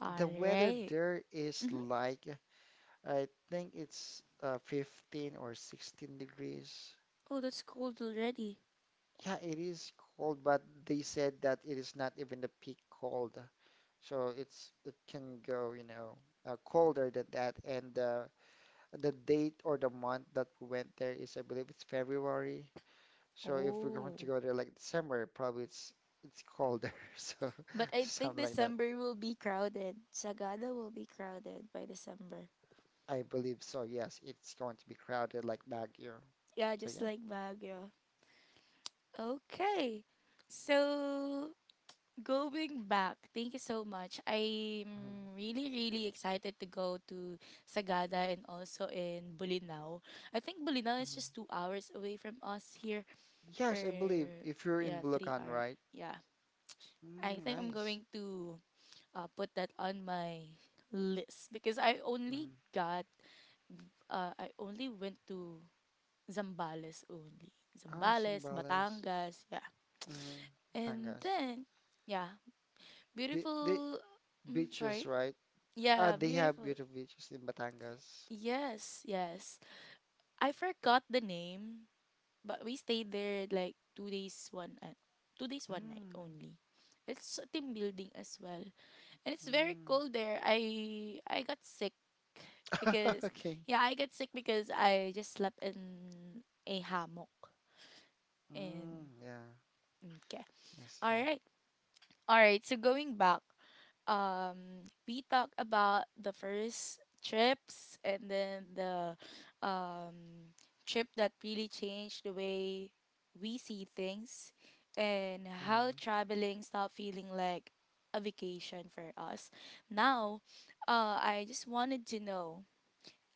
Speaker 1: All
Speaker 2: The weather
Speaker 1: right.
Speaker 2: there is
Speaker 1: Mm-hmm.
Speaker 2: like, I think it's 15 or 16 degrees.
Speaker 1: Oh, that's cold already.
Speaker 2: Yeah, it is cold, but they said that it is not even the peak cold. So it's it can go, you know, colder than that. And the date or the month that we went there is, I believe it's February. So if we're going to
Speaker 1: Oh.
Speaker 2: go there like December, probably it's colder. So
Speaker 1: But I think
Speaker 2: something like that.
Speaker 1: December will be crowded. Sagada will be crowded by December.
Speaker 2: I believe so. Yes, it's going to be crowded like Baguio.
Speaker 1: Yeah,
Speaker 2: So
Speaker 1: just
Speaker 2: yeah.
Speaker 1: like Baguio. Okay. So, going back, thank you so much.
Speaker 2: Mhm,
Speaker 1: I'm really, really excited to go to Sagada, and also in Bulinaw. I think Bulinaw is
Speaker 2: mhm.
Speaker 1: just 2 hours away from us here.
Speaker 2: Yes,
Speaker 1: Or,
Speaker 2: I believe if you're in
Speaker 1: yeah, three
Speaker 2: Bulacan,
Speaker 1: hour.
Speaker 2: right?
Speaker 1: Yeah. I
Speaker 2: Mm,
Speaker 1: think I'm
Speaker 2: nice.
Speaker 1: going to put that on my list because I only
Speaker 2: Mm.
Speaker 1: got. I only went to Zambales only.
Speaker 2: Oh,
Speaker 1: Zambales,
Speaker 2: Sambales.
Speaker 1: Batangas, yeah.
Speaker 2: Mm,
Speaker 1: And
Speaker 2: Batangas.
Speaker 1: then, yeah,
Speaker 2: The
Speaker 1: beautiful. Mm,
Speaker 2: beaches,
Speaker 1: sorry.
Speaker 2: right?
Speaker 1: Yeah,
Speaker 2: They have
Speaker 1: beautiful.
Speaker 2: beautiful beaches in Batangas.
Speaker 1: Yes, yes. I forgot the name, but we stayed there like 2 days, one 2 days, one night
Speaker 2: Mm,
Speaker 1: only. It's a team building as well, and it's very
Speaker 2: mm.
Speaker 1: cold there. I got sick because,
Speaker 2: Okay.
Speaker 1: yeah, I got sick because I just slept in a hammock and
Speaker 2: Mm, yeah,
Speaker 1: okay.
Speaker 2: I
Speaker 1: All
Speaker 2: see.
Speaker 1: right. All right. So going back, we talked about the first trips and then the, um, trip that really changed the way we see things and how
Speaker 2: Mm,
Speaker 1: traveling stopped feeling like a vacation for us. Now, I just wanted to know,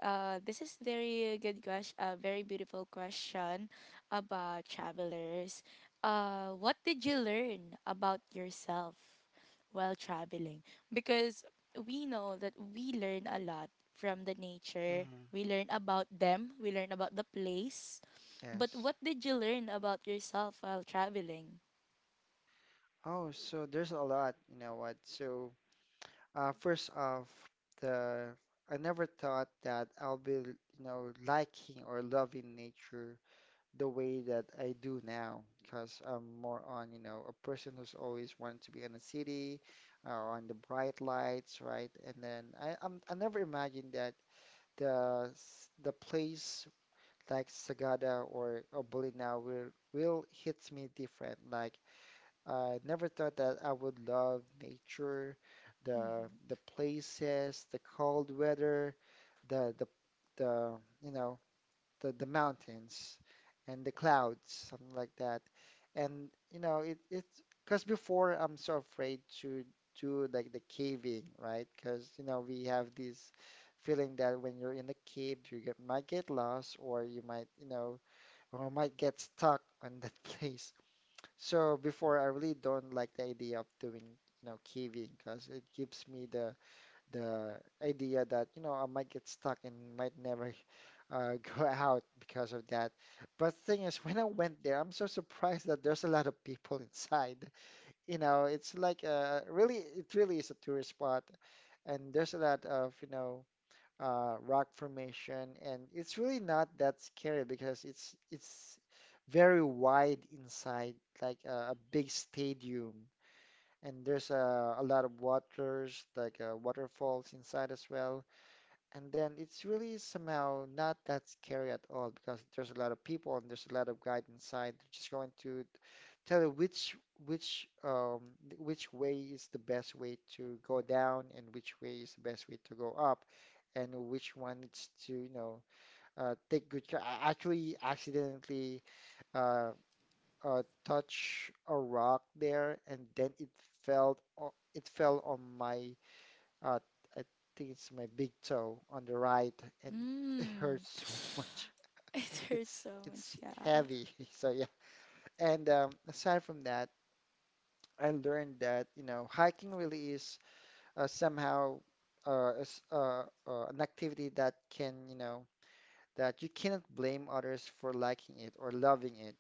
Speaker 1: this is very good question, a very beautiful question about travelers. What did you learn about yourself while traveling? Because we know that we learn a lot from the nature.
Speaker 2: mm,
Speaker 1: We learn about them, we learn about the place. But
Speaker 2: yes.
Speaker 1: what did you learn about yourself while traveling?
Speaker 2: Oh, so there's a lot, you know what? So first off, the I never thought that I'll be, you know, liking or loving nature the way that I do now, because I'm more on, you know, a person who's always wanted to be in the city, on the bright lights, right? And then I never imagined that the place like Sagada or Bolinao will hits me different. Like I never thought that I would love nature, the
Speaker 1: Mm-hmm.
Speaker 2: the places, the cold weather, the the the you know the mountains and the clouds, something like that. And you know it's because before I'm so afraid to do like the caving, right? Because you know we have this feeling that when you're in the cave, you get might get lost or you might you know or might get stuck on that place. So before, I really don't like the idea of doing, you know, caving because it gives me the idea that, you know, I might get stuck and might never go out because of that. But thing is, when I went there, I'm so surprised that there's a lot of people inside. You know, it's like really, it really is a tourist spot, and there's a lot of, you know, rock formation, and it's really not that scary because it's very wide inside, like a big stadium, and there's a lot of waters, like waterfalls inside as well. And then it's really somehow not that scary at all because there's a lot of people and there's a lot of guide inside. They're just going to tell you which which way is the best way to go down and which way is the best way to go up and which one needs to you know take good care. I actually accidentally uh, touch a rock there and then it it fell on my uh, I think it's my big toe on the right, and it
Speaker 1: Mm.
Speaker 2: hurts so much.
Speaker 1: It hurts
Speaker 2: It's
Speaker 1: so much,
Speaker 2: it's
Speaker 1: yeah.
Speaker 2: heavy. So yeah. And aside from that, I learned that you know hiking really is somehow an activity that can you know that you cannot blame others for liking it or loving it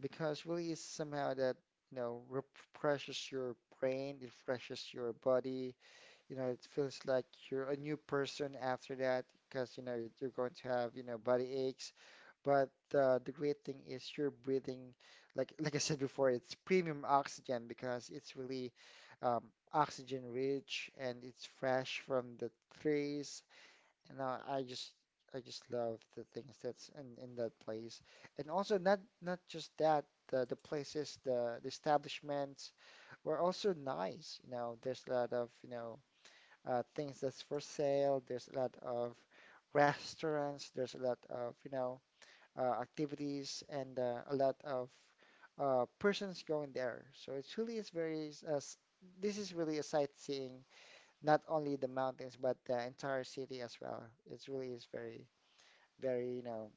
Speaker 2: because really is somehow that you know refreshes your brain, it refreshes your body, you know, it feels like you're a new person after that because, you know, you're going to have, you know, body aches. But the great thing is you're breathing, like I said before, it's premium oxygen because it's really um, oxygen rich and it's fresh from the trees. And I just love the things that's in that place. And also not just that, the places, the establishments were also nice. You know, there's a lot of, you know, things that's for sale. There's a lot of restaurants. There's a lot of, you know, activities and a lot of persons going there. So it really is very, this is really a sightseeing, not only the mountains, but the entire city as well. It really is very, very, you know,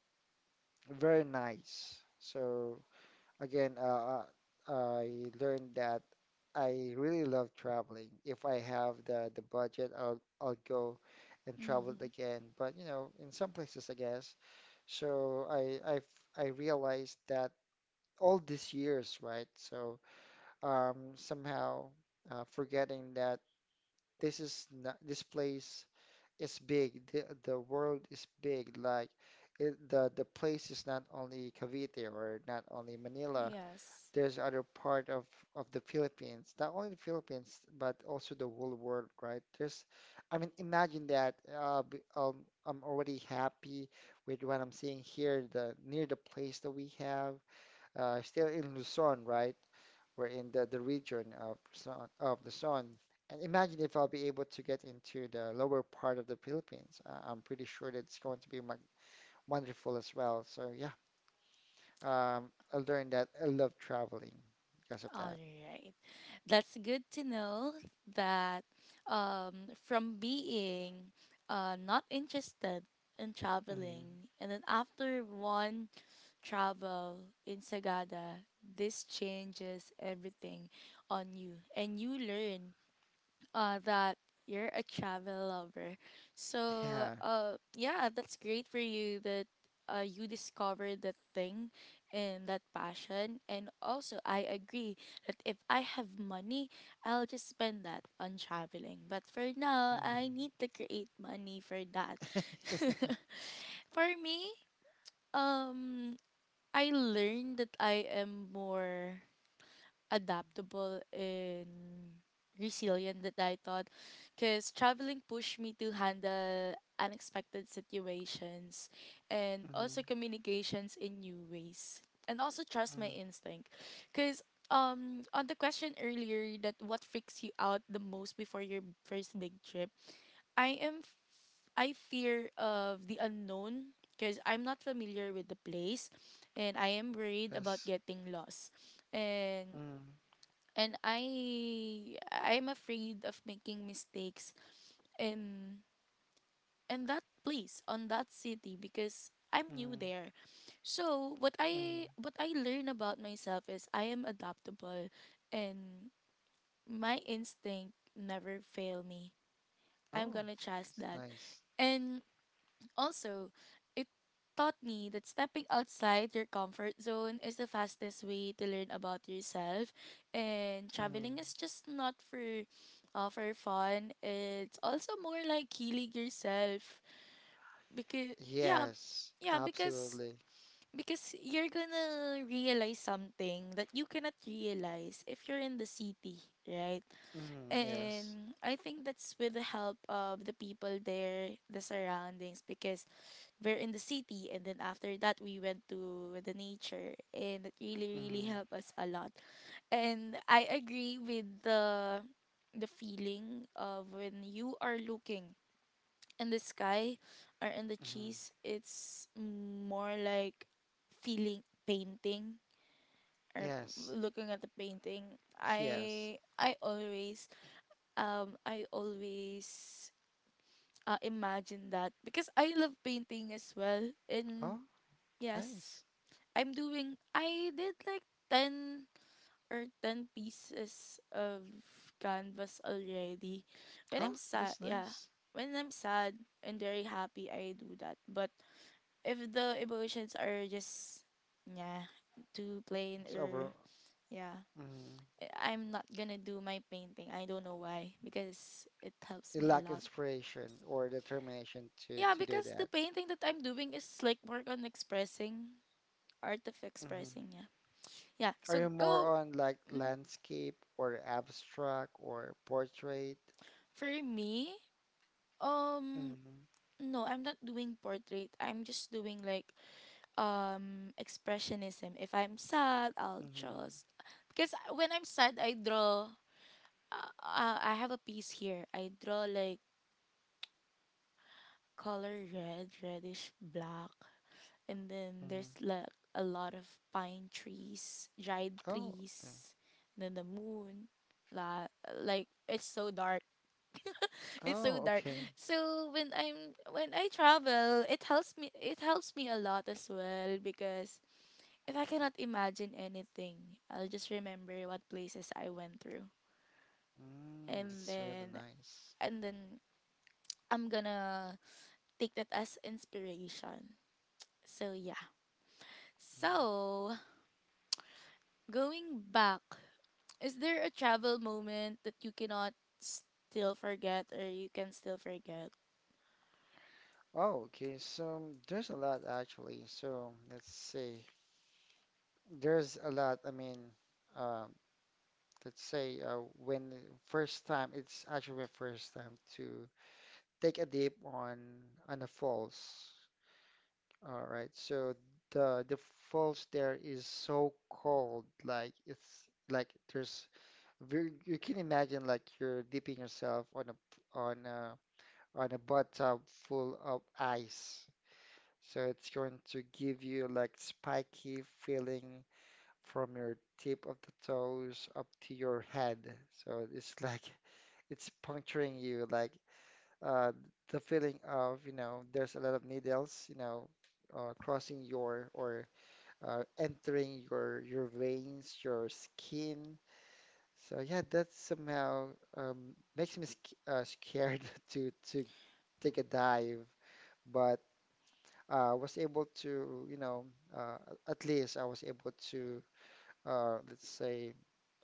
Speaker 2: very nice. So again, I learned that I really love traveling. If I have the budget, I'll go and travel it
Speaker 1: Mm-hmm.
Speaker 2: again. But you know, in some places, I guess. So I realized that all these years, right? So somehow forgetting that this is not, this place is big. The world is big. Like the place is not only Cavite or not only Manila,
Speaker 1: Yes.
Speaker 2: there's other part of the Philippines, not only the Philippines but also the whole world, right? I mean, imagine that. I'm already happy with what I'm seeing here, the near the place that we have, still in Luzon, right? We're in the region of Luzon, of Luzon. And imagine if I'll be able to get into the lower part of the Philippines. I'm pretty sure that it's going to be mag wonderful as well. So yeah, um, I learned that I love traveling because of
Speaker 1: All
Speaker 2: that.
Speaker 1: right. That's good to know that, from being not interested in
Speaker 2: Mm-hmm.
Speaker 1: traveling, and then after one travel in Sagada, this changes everything on you, and you learn that you're a travel lover. So,
Speaker 2: Yeah.
Speaker 1: yeah, that's great for you that you discovered that thing and that passion. And also, I agree that if I have money, I'll just spend that on traveling. But for now, I
Speaker 2: Mm-hmm.
Speaker 1: need to create money for that. For me, um, I learned that I am more adaptable and resilient that I thought, because traveling pushed me to handle unexpected situations and also
Speaker 2: Mm-hmm.
Speaker 1: communications in new ways, and also trust
Speaker 2: Mm-hmm.
Speaker 1: my instinct because, um, on the question earlier, that what freaks you out the most before your first big trip, I am f- I fear of the unknown because I'm not familiar with the place, and I am worried about
Speaker 2: Yes.
Speaker 1: getting lost, and
Speaker 2: Mm-hmm.
Speaker 1: I'm afraid of making mistakes in in that place on that city because I'm new
Speaker 2: Mm.
Speaker 1: there. So
Speaker 2: Mm.
Speaker 1: what I learn about myself is I am adaptable, and my instinct never fail me. I'm
Speaker 2: Oh,
Speaker 1: gonna trust
Speaker 2: that's
Speaker 1: that.
Speaker 2: nice.
Speaker 1: And also, it taught me that stepping outside your comfort zone is the fastest way to learn about yourself. And traveling
Speaker 2: Mm-hmm.
Speaker 1: is just not for, for fun. It's also more like healing yourself because, yeah,
Speaker 2: Yes,
Speaker 1: yeah,
Speaker 2: absolutely.
Speaker 1: because you're gonna realize something that you cannot realize if you're in the city, right?
Speaker 2: Mm-hmm. Yes.
Speaker 1: And I think that's with the help of the people there, the surroundings, because we're in the city and then after that we went to the nature and it really, really
Speaker 2: Mm-hmm.
Speaker 1: helped us a lot. And I agree with the feeling of when you are looking in the sky or in the
Speaker 2: Mm-hmm.
Speaker 1: trees. It's more like feeling painting or
Speaker 2: Yes.
Speaker 1: looking at the painting.
Speaker 2: Yes.
Speaker 1: I always, I always, imagine that because I love painting as well and,
Speaker 2: Oh,
Speaker 1: yes,
Speaker 2: nice.
Speaker 1: I'm doing, I did like 10 or 10 pieces of canvas already when I'm
Speaker 2: Oh,
Speaker 1: sad,
Speaker 2: that's
Speaker 1: yeah,
Speaker 2: nice.
Speaker 1: when I'm sad and very happy I do that. But if the emotions are just, yeah, too plain
Speaker 2: It's over.
Speaker 1: or, yeah,
Speaker 2: Mm-hmm.
Speaker 1: I'm not gonna do my painting. I don't know why, because it helps
Speaker 2: You
Speaker 1: me a
Speaker 2: lack
Speaker 1: lot.
Speaker 2: inspiration or determination to
Speaker 1: Yeah,
Speaker 2: to do
Speaker 1: because the
Speaker 2: that.
Speaker 1: painting that I'm doing is like work on expressing, art of
Speaker 2: Hmm.
Speaker 1: expressing, yeah. Yeah,
Speaker 2: Are
Speaker 1: so
Speaker 2: you more
Speaker 1: go.
Speaker 2: on like
Speaker 1: Mm,
Speaker 2: landscape or abstract or portrait?
Speaker 1: for me, um,
Speaker 2: Mm-hmm.
Speaker 1: no, I'm not doing portrait. I'm just doing like, um, expressionism. If I'm sad, I'll
Speaker 2: Mm-hmm.
Speaker 1: just, because when I'm sad, I draw, I have a piece here. I draw like color red, reddish black, and then
Speaker 2: Mm-hmm.
Speaker 1: there's like a lot of pine trees, dried
Speaker 2: Oh, okay.
Speaker 1: trees, and then the moon. La, like it's so dark. It's so
Speaker 2: Oh,
Speaker 1: dark.
Speaker 2: okay.
Speaker 1: So when I'm when I travel, it helps me a lot as well because if I cannot imagine anything, I'll just remember what places I went through.
Speaker 2: Mm,
Speaker 1: And
Speaker 2: that's really
Speaker 1: then
Speaker 2: nice.
Speaker 1: and then I'm gonna take that as inspiration. So yeah. So going back, is there a travel moment that you cannot still forget or you can still forget?
Speaker 2: Oh, okay. So there's a lot actually. So let's see. There's a lot. I mean, uh, let's say when first time, it's actually my first time to take a dip on a falls. All right. So the falls there is so cold. Like it's like You can imagine like you're dipping yourself on on a bathtub full of ice. So it's going to give you like spiky feeling from your tip of the toes up to your head. So it's like it's puncturing you like uh, the feeling of, you know, there's a lot of needles, you know, crossing your or entering your veins, your skin, so yeah, that somehow makes me sc scared to take a dive, but was able to, you know, uh, at least I was able to, let's say,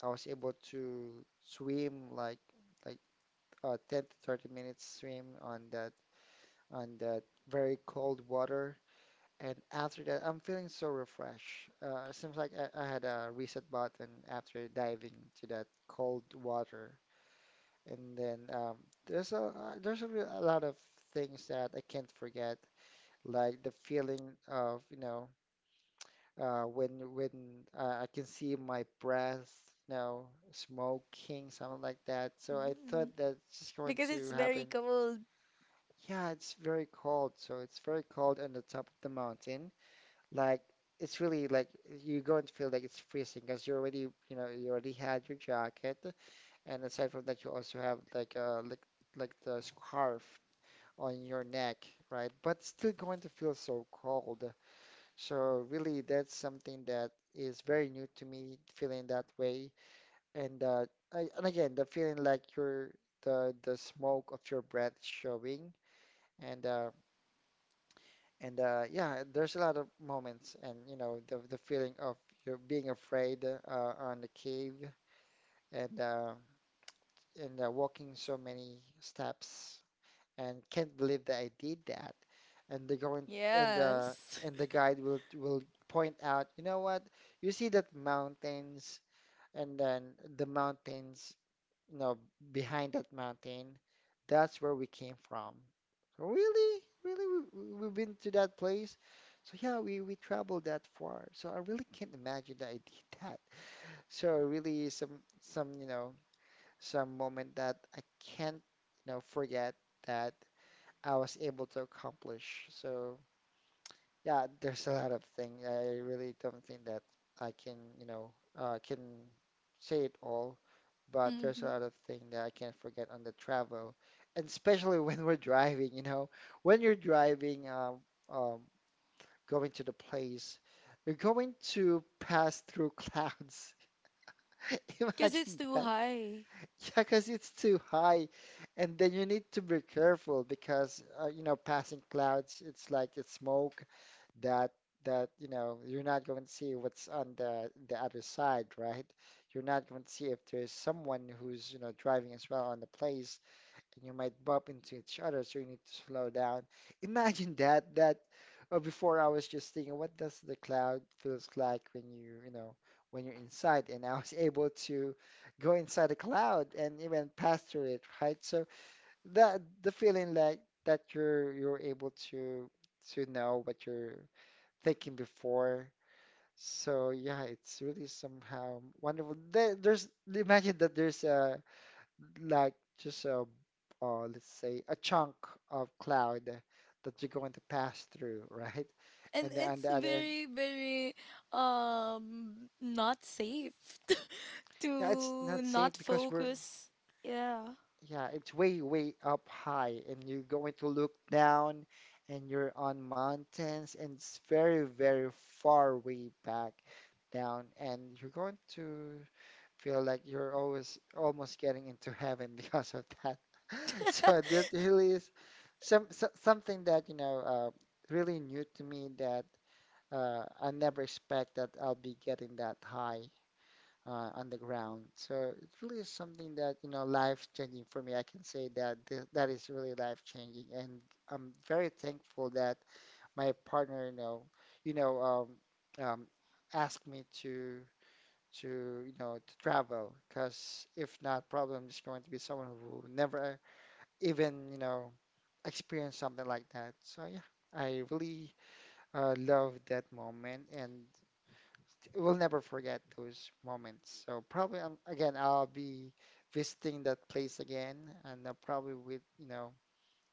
Speaker 2: I was able to swim like 10 to 30 minutes swim on that very cold water, and after that, I'm feeling so refreshed. It seems like I had a reset button after diving to that cold water. And then there's a there's a lot of things that I can't forget, like the feeling of you know when I can see my breath, you know, smoking, something like that. So I
Speaker 1: Mm.
Speaker 2: thought that's just going
Speaker 1: Because
Speaker 2: to
Speaker 1: it's very
Speaker 2: happen.
Speaker 1: cold.
Speaker 2: Yeah, it's very cold, so it's very cold on the top of the mountain. Like it's really like you're going to feel like it's freezing because you already you know you already had your jacket, and aside from that, you also have like like the scarf on your neck, right? But still going to feel so cold. So really, that's something that is very new to me, feeling that way. And and again, the feeling like your the smoke of your breath showing, and yeah, there's a lot of moments, and you know the feeling of you being afraid on the cave, and walking so many steps and can't believe that I did that. And they're going, and the
Speaker 1: Yes.
Speaker 2: and the guide will point out, you know what? You see that mountains and then the mountains, you know, behind that mountain, that's where we came from. So really? Really? We've been to that place? So yeah, we traveled that far. So I really can't imagine that I did that. So really some, you know, some moment that I can't, you know, forget that I was able to accomplish. So yeah, there's a lot of things. I really don't think that I can, you know, can say it all, but
Speaker 1: Because
Speaker 2: there's a lot of things that I can't forget on the travel, and especially when we're driving, you know, when you're driving, um, going to the place, you're going to pass through clouds.
Speaker 1: it's
Speaker 2: Imagine
Speaker 1: too
Speaker 2: that.
Speaker 1: high.
Speaker 2: Yeah, because it's too high, and then you need to be careful because you know passing clouds, it's like it's smoke that that you know you're not going to see what's on the other side, right? You're not going to see if there's someone who's you know driving as well on the place, and you might bump into each other, so you need to slow down. Imagine that before I was just thinking, what does the cloud feels like when you know when you're inside, and I was able to go inside a cloud and even pass through it, right? So that the feeling like that you're able to know what you're thinking before. So yeah, it's really somehow wonderful. There's imagine that there's a like let's say a chunk of cloud that you're going to pass through, right?
Speaker 1: And
Speaker 2: And then on
Speaker 1: it's
Speaker 2: the other end,
Speaker 1: very, very, um, not safe
Speaker 2: yeah, it's
Speaker 1: to
Speaker 2: not safe
Speaker 1: not
Speaker 2: because
Speaker 1: focus. Yeah.
Speaker 2: yeah, it's way, way up high, and you're going to look down, and you're on mountains, and it's very, very far way back down, and you're going to feel like you're always almost getting into heaven because of that. So that really is something that you know really new to me that I never expect that I'll be getting that high on the ground. So it really is something that life changing for me. I can say that th that is really life changing, and I'm very thankful that my partner you know um, um, asked me to. To travel because if not, probably I'm just going to be someone who never even, experience something like that. So yeah, I really love that moment and will never forget those moments. So probably again, I'll be visiting that place again and probably with,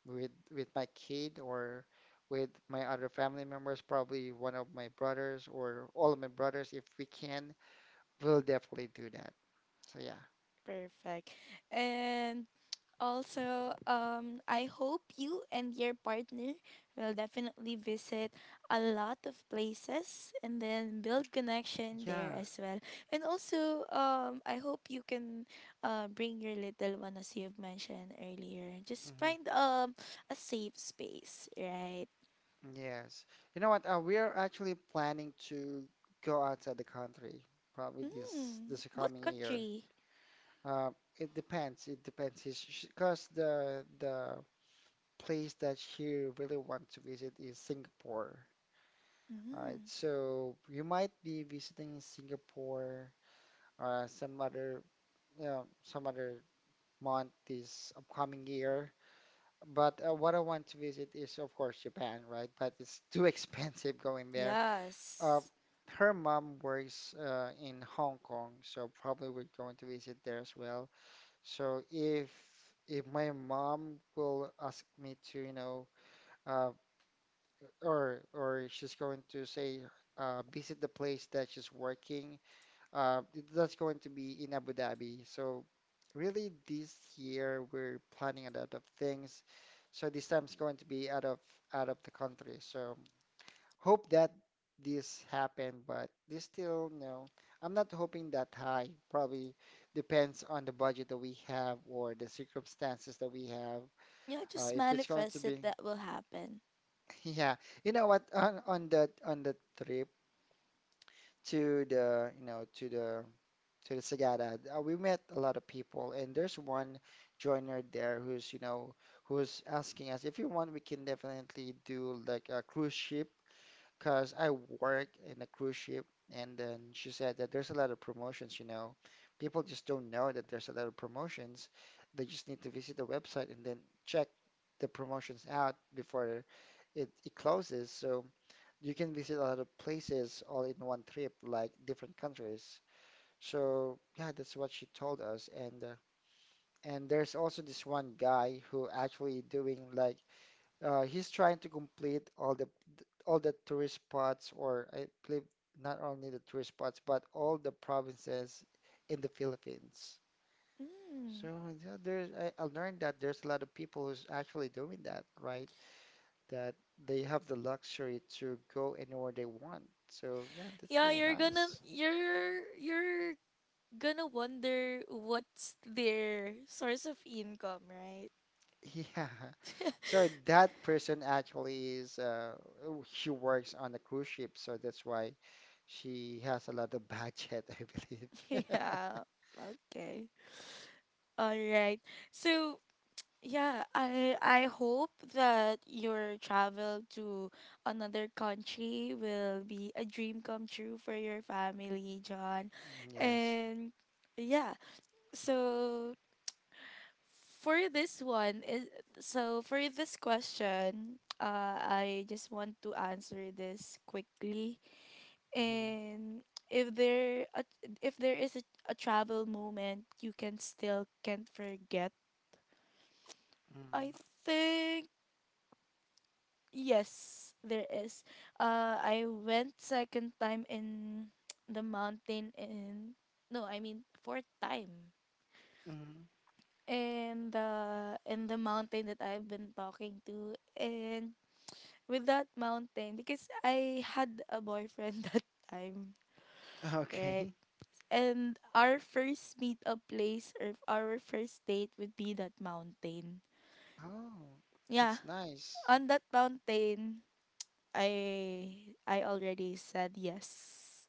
Speaker 2: with my kid or with my other family members, probably one of my brothers or all of my brothers if we can, we'll definitely do that. So yeah.
Speaker 1: Perfect. And also, I hope you and your partner will definitely visit a lot of places and then build connection
Speaker 2: Yeah.
Speaker 1: there as well. And also, I hope you can, bring your little one as you've mentioned earlier. Just
Speaker 2: Hmm.
Speaker 1: find, um, a safe space, right?
Speaker 2: Yes. You know what? We are actually planning to go outside the country probably this
Speaker 1: Mm,
Speaker 2: this
Speaker 1: what
Speaker 2: coming year.
Speaker 1: country?
Speaker 2: Uh, it depends. It depends. Because the place that she really wants to visit is Singapore. All right.
Speaker 1: Mm,
Speaker 2: So you might be visiting Singapore some other some other month this upcoming year. But what I want to visit is of course Japan, right? But it's too expensive going there. Uh,
Speaker 1: yes.
Speaker 2: Her mom works in Hong Kong, so probably we're going to visit there as well. So if my mom will ask me to, uh, or she's going to say visit the place that she's working, uh, that's going to be in Abu Dhabi. So really, this year we're planning a lot of things. So this time's going to be out of the country. So hope that this happen, but this still, no. I'm not hoping that high. Probably depends on the budget that we have or the circumstances that we have.
Speaker 1: Yeah, just
Speaker 2: If it's going to
Speaker 1: manifest it
Speaker 2: be,
Speaker 1: that will happen.
Speaker 2: yeah, you know what, on the trip to the, to the Sagada, we met a lot of people, and there's one joiner there who's, who's asking us if you want, we can definitely do like a cruise ship because I work in a cruise ship, and then she said that there's a lot of promotions, People just don't know that there's a lot of promotions. They just need to visit the website and then check the promotions out before it closes. So you can visit a lot of places all in one trip, like different countries. So yeah, that's what she told us. And there's also this one guy who actually doing like he's trying to complete all the tourist spots, or I believe not only the tourist spots, but all the provinces in the Philippines.
Speaker 1: Mm.
Speaker 2: So yeah, I learned that there's a lot of people who's actually doing that, right? That they have the luxury to go anywhere they want. So yeah, that's
Speaker 1: Yeah,
Speaker 2: really nice.
Speaker 1: you're gonna wonder what's their source of income, right?
Speaker 2: Yeah. So that person actually is oh, she works on a cruise ship, so that's why she has a lot of budget, I believe.
Speaker 1: Yeah. Okay. All right. So yeah, I hope that your travel to another country will be a dream come true for your family, John.
Speaker 2: Yes.
Speaker 1: And yeah. So for this one is, so for this question, uh, I just want to answer this quickly
Speaker 2: Mhm,
Speaker 1: and if there a, if there is a travel moment you can still can't forget,
Speaker 2: mhm,
Speaker 1: I think yes there is, uh, I went second time in the mountain in, no, I mean fourth time,
Speaker 2: mhm.
Speaker 1: and the mountain that I've been talking to and with that mountain, because I had a boyfriend that time, right.
Speaker 2: Okay.
Speaker 1: And our first meetup place or our first date would be that mountain.
Speaker 2: Oh, that's
Speaker 1: Yeah,
Speaker 2: nice.
Speaker 1: on that mountain, I already said yes.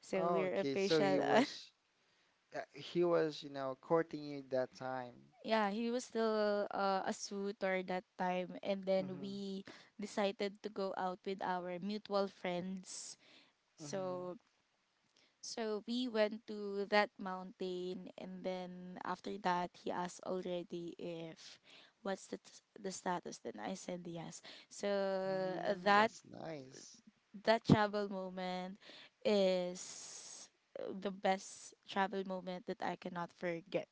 Speaker 1: So
Speaker 2: Oh,
Speaker 1: we're
Speaker 2: okay. So
Speaker 1: official.
Speaker 2: he was, courting you that time.
Speaker 1: Yeah, he was still, a suitor that time, and then
Speaker 2: Mm-hmm.
Speaker 1: we decided to go out with our mutual friends.
Speaker 2: Mm-hmm.
Speaker 1: So, so we went to that mountain, and then after that, he asked already if the status. Then I said yes. So
Speaker 2: Mm,
Speaker 1: that
Speaker 2: that's nice.
Speaker 1: that travel moment is the best travel moment that I cannot forget.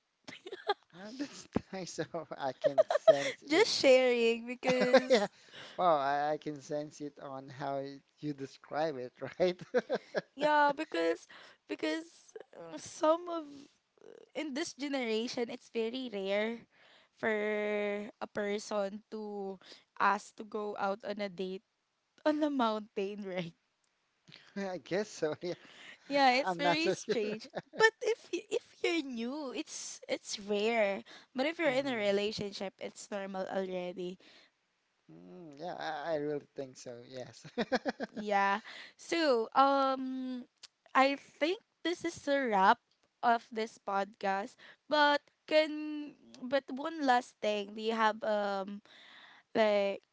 Speaker 2: Ah, that's nice. So I can sense it.
Speaker 1: Just sharing.
Speaker 2: Yeah.
Speaker 1: Because,
Speaker 2: Wow, I can sense it on how you describe it, right?
Speaker 1: yeah, because, some of, in this generation, it's very rare for a person to ask to go out on a date on a mountain, right?
Speaker 2: I guess so. Yeah,
Speaker 1: Yeah, it's
Speaker 2: I'm not
Speaker 1: very
Speaker 2: so sure.
Speaker 1: strange. But if if you're new, it's rare. But if you're in a
Speaker 2: Hmm.
Speaker 1: relationship, it's normal already.
Speaker 2: Mm, yeah, I really think so. Yes.
Speaker 1: Yeah. So, um, I think this is a wrap of this podcast. But can, but one last thing, do you have, um, like,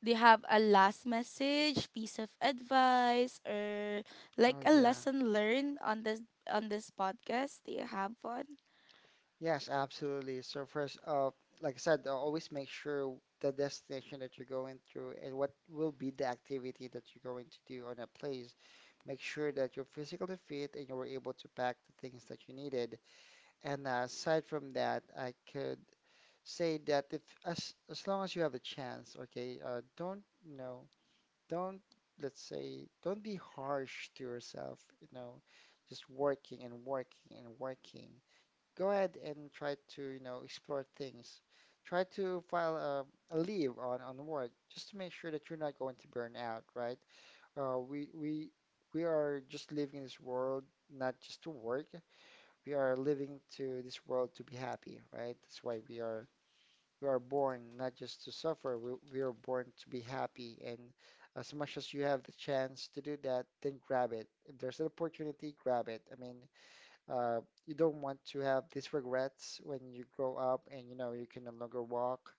Speaker 1: do you have a last message, piece of advice, or like
Speaker 2: Oh
Speaker 1: a
Speaker 2: yeah.
Speaker 1: lesson learned on this, on this podcast? Do you have one?
Speaker 2: Yes, absolutely. So first, like I said, always make sure the destination that you're going through and what will be the activity that you're going to do on that place. Make sure that you're physically fit and you were able to pack the things that you needed. And aside from that, I could say that if as long as you have a chance, okay, don't don't let's say, don't be harsh to yourself, just working and working and working. Go ahead and try to, explore things. Try to file a leave on work just to make sure that you're not going to burn out, right? We we are just living this world not just to work. We are living to this world to be happy, right? That's why we are born not just to suffer, we are born to be happy. And as much as you have the chance to do that, then grab it. If there's an opportunity, grab it. I mean, uh, you don't want to have these regrets when you grow up and you know you can no longer walk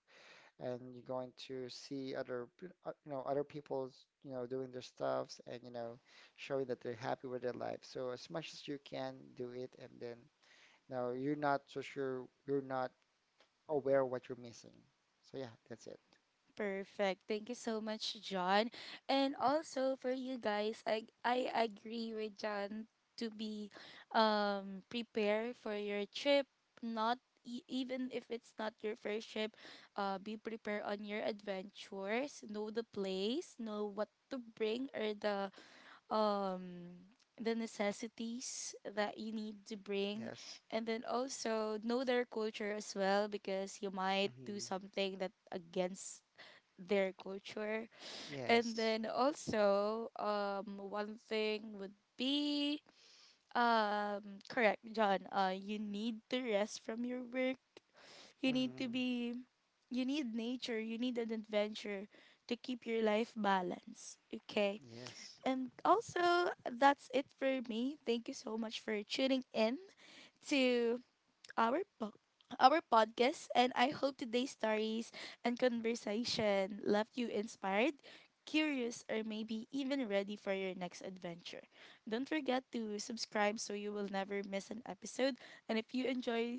Speaker 2: and you're going to see other other people's doing their stuffs and showing that they're happy with their life. So as much as you can do it and then now you're not so sure you're not aware of what you're missing. So yeah, that's it.
Speaker 1: Perfect. Thank you so much, John. And also for you guys, I agree with John to be, um, prepare for your trip. Not even if it's not your first trip, be prepared on your adventures. Know the place. Know what to bring or the, um, the necessities that you need to bring,
Speaker 2: Yes.
Speaker 1: and then also know their culture as well because you might do
Speaker 2: Hmm.
Speaker 1: something that against their culture, and
Speaker 2: Yes.
Speaker 1: then also, um, one thing would be, um, correct John, uh, you need to rest from your work. You need to
Speaker 2: Hmm.
Speaker 1: be, you need nature, you need an adventure to keep your life balanced, okay,
Speaker 2: Yes.
Speaker 1: and also, that's it for me. Thank you so much for tuning in to our our podcast, and I hope today's stories and conversation left you inspired, curious, or maybe even ready for your next adventure. Don't forget to subscribe so you will never miss an episode, and if you enjoy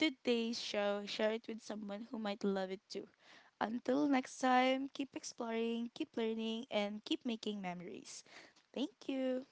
Speaker 1: today's show, share it with someone who might love it too. Until next time, keep exploring, keep learning, and keep making memories. Thank you.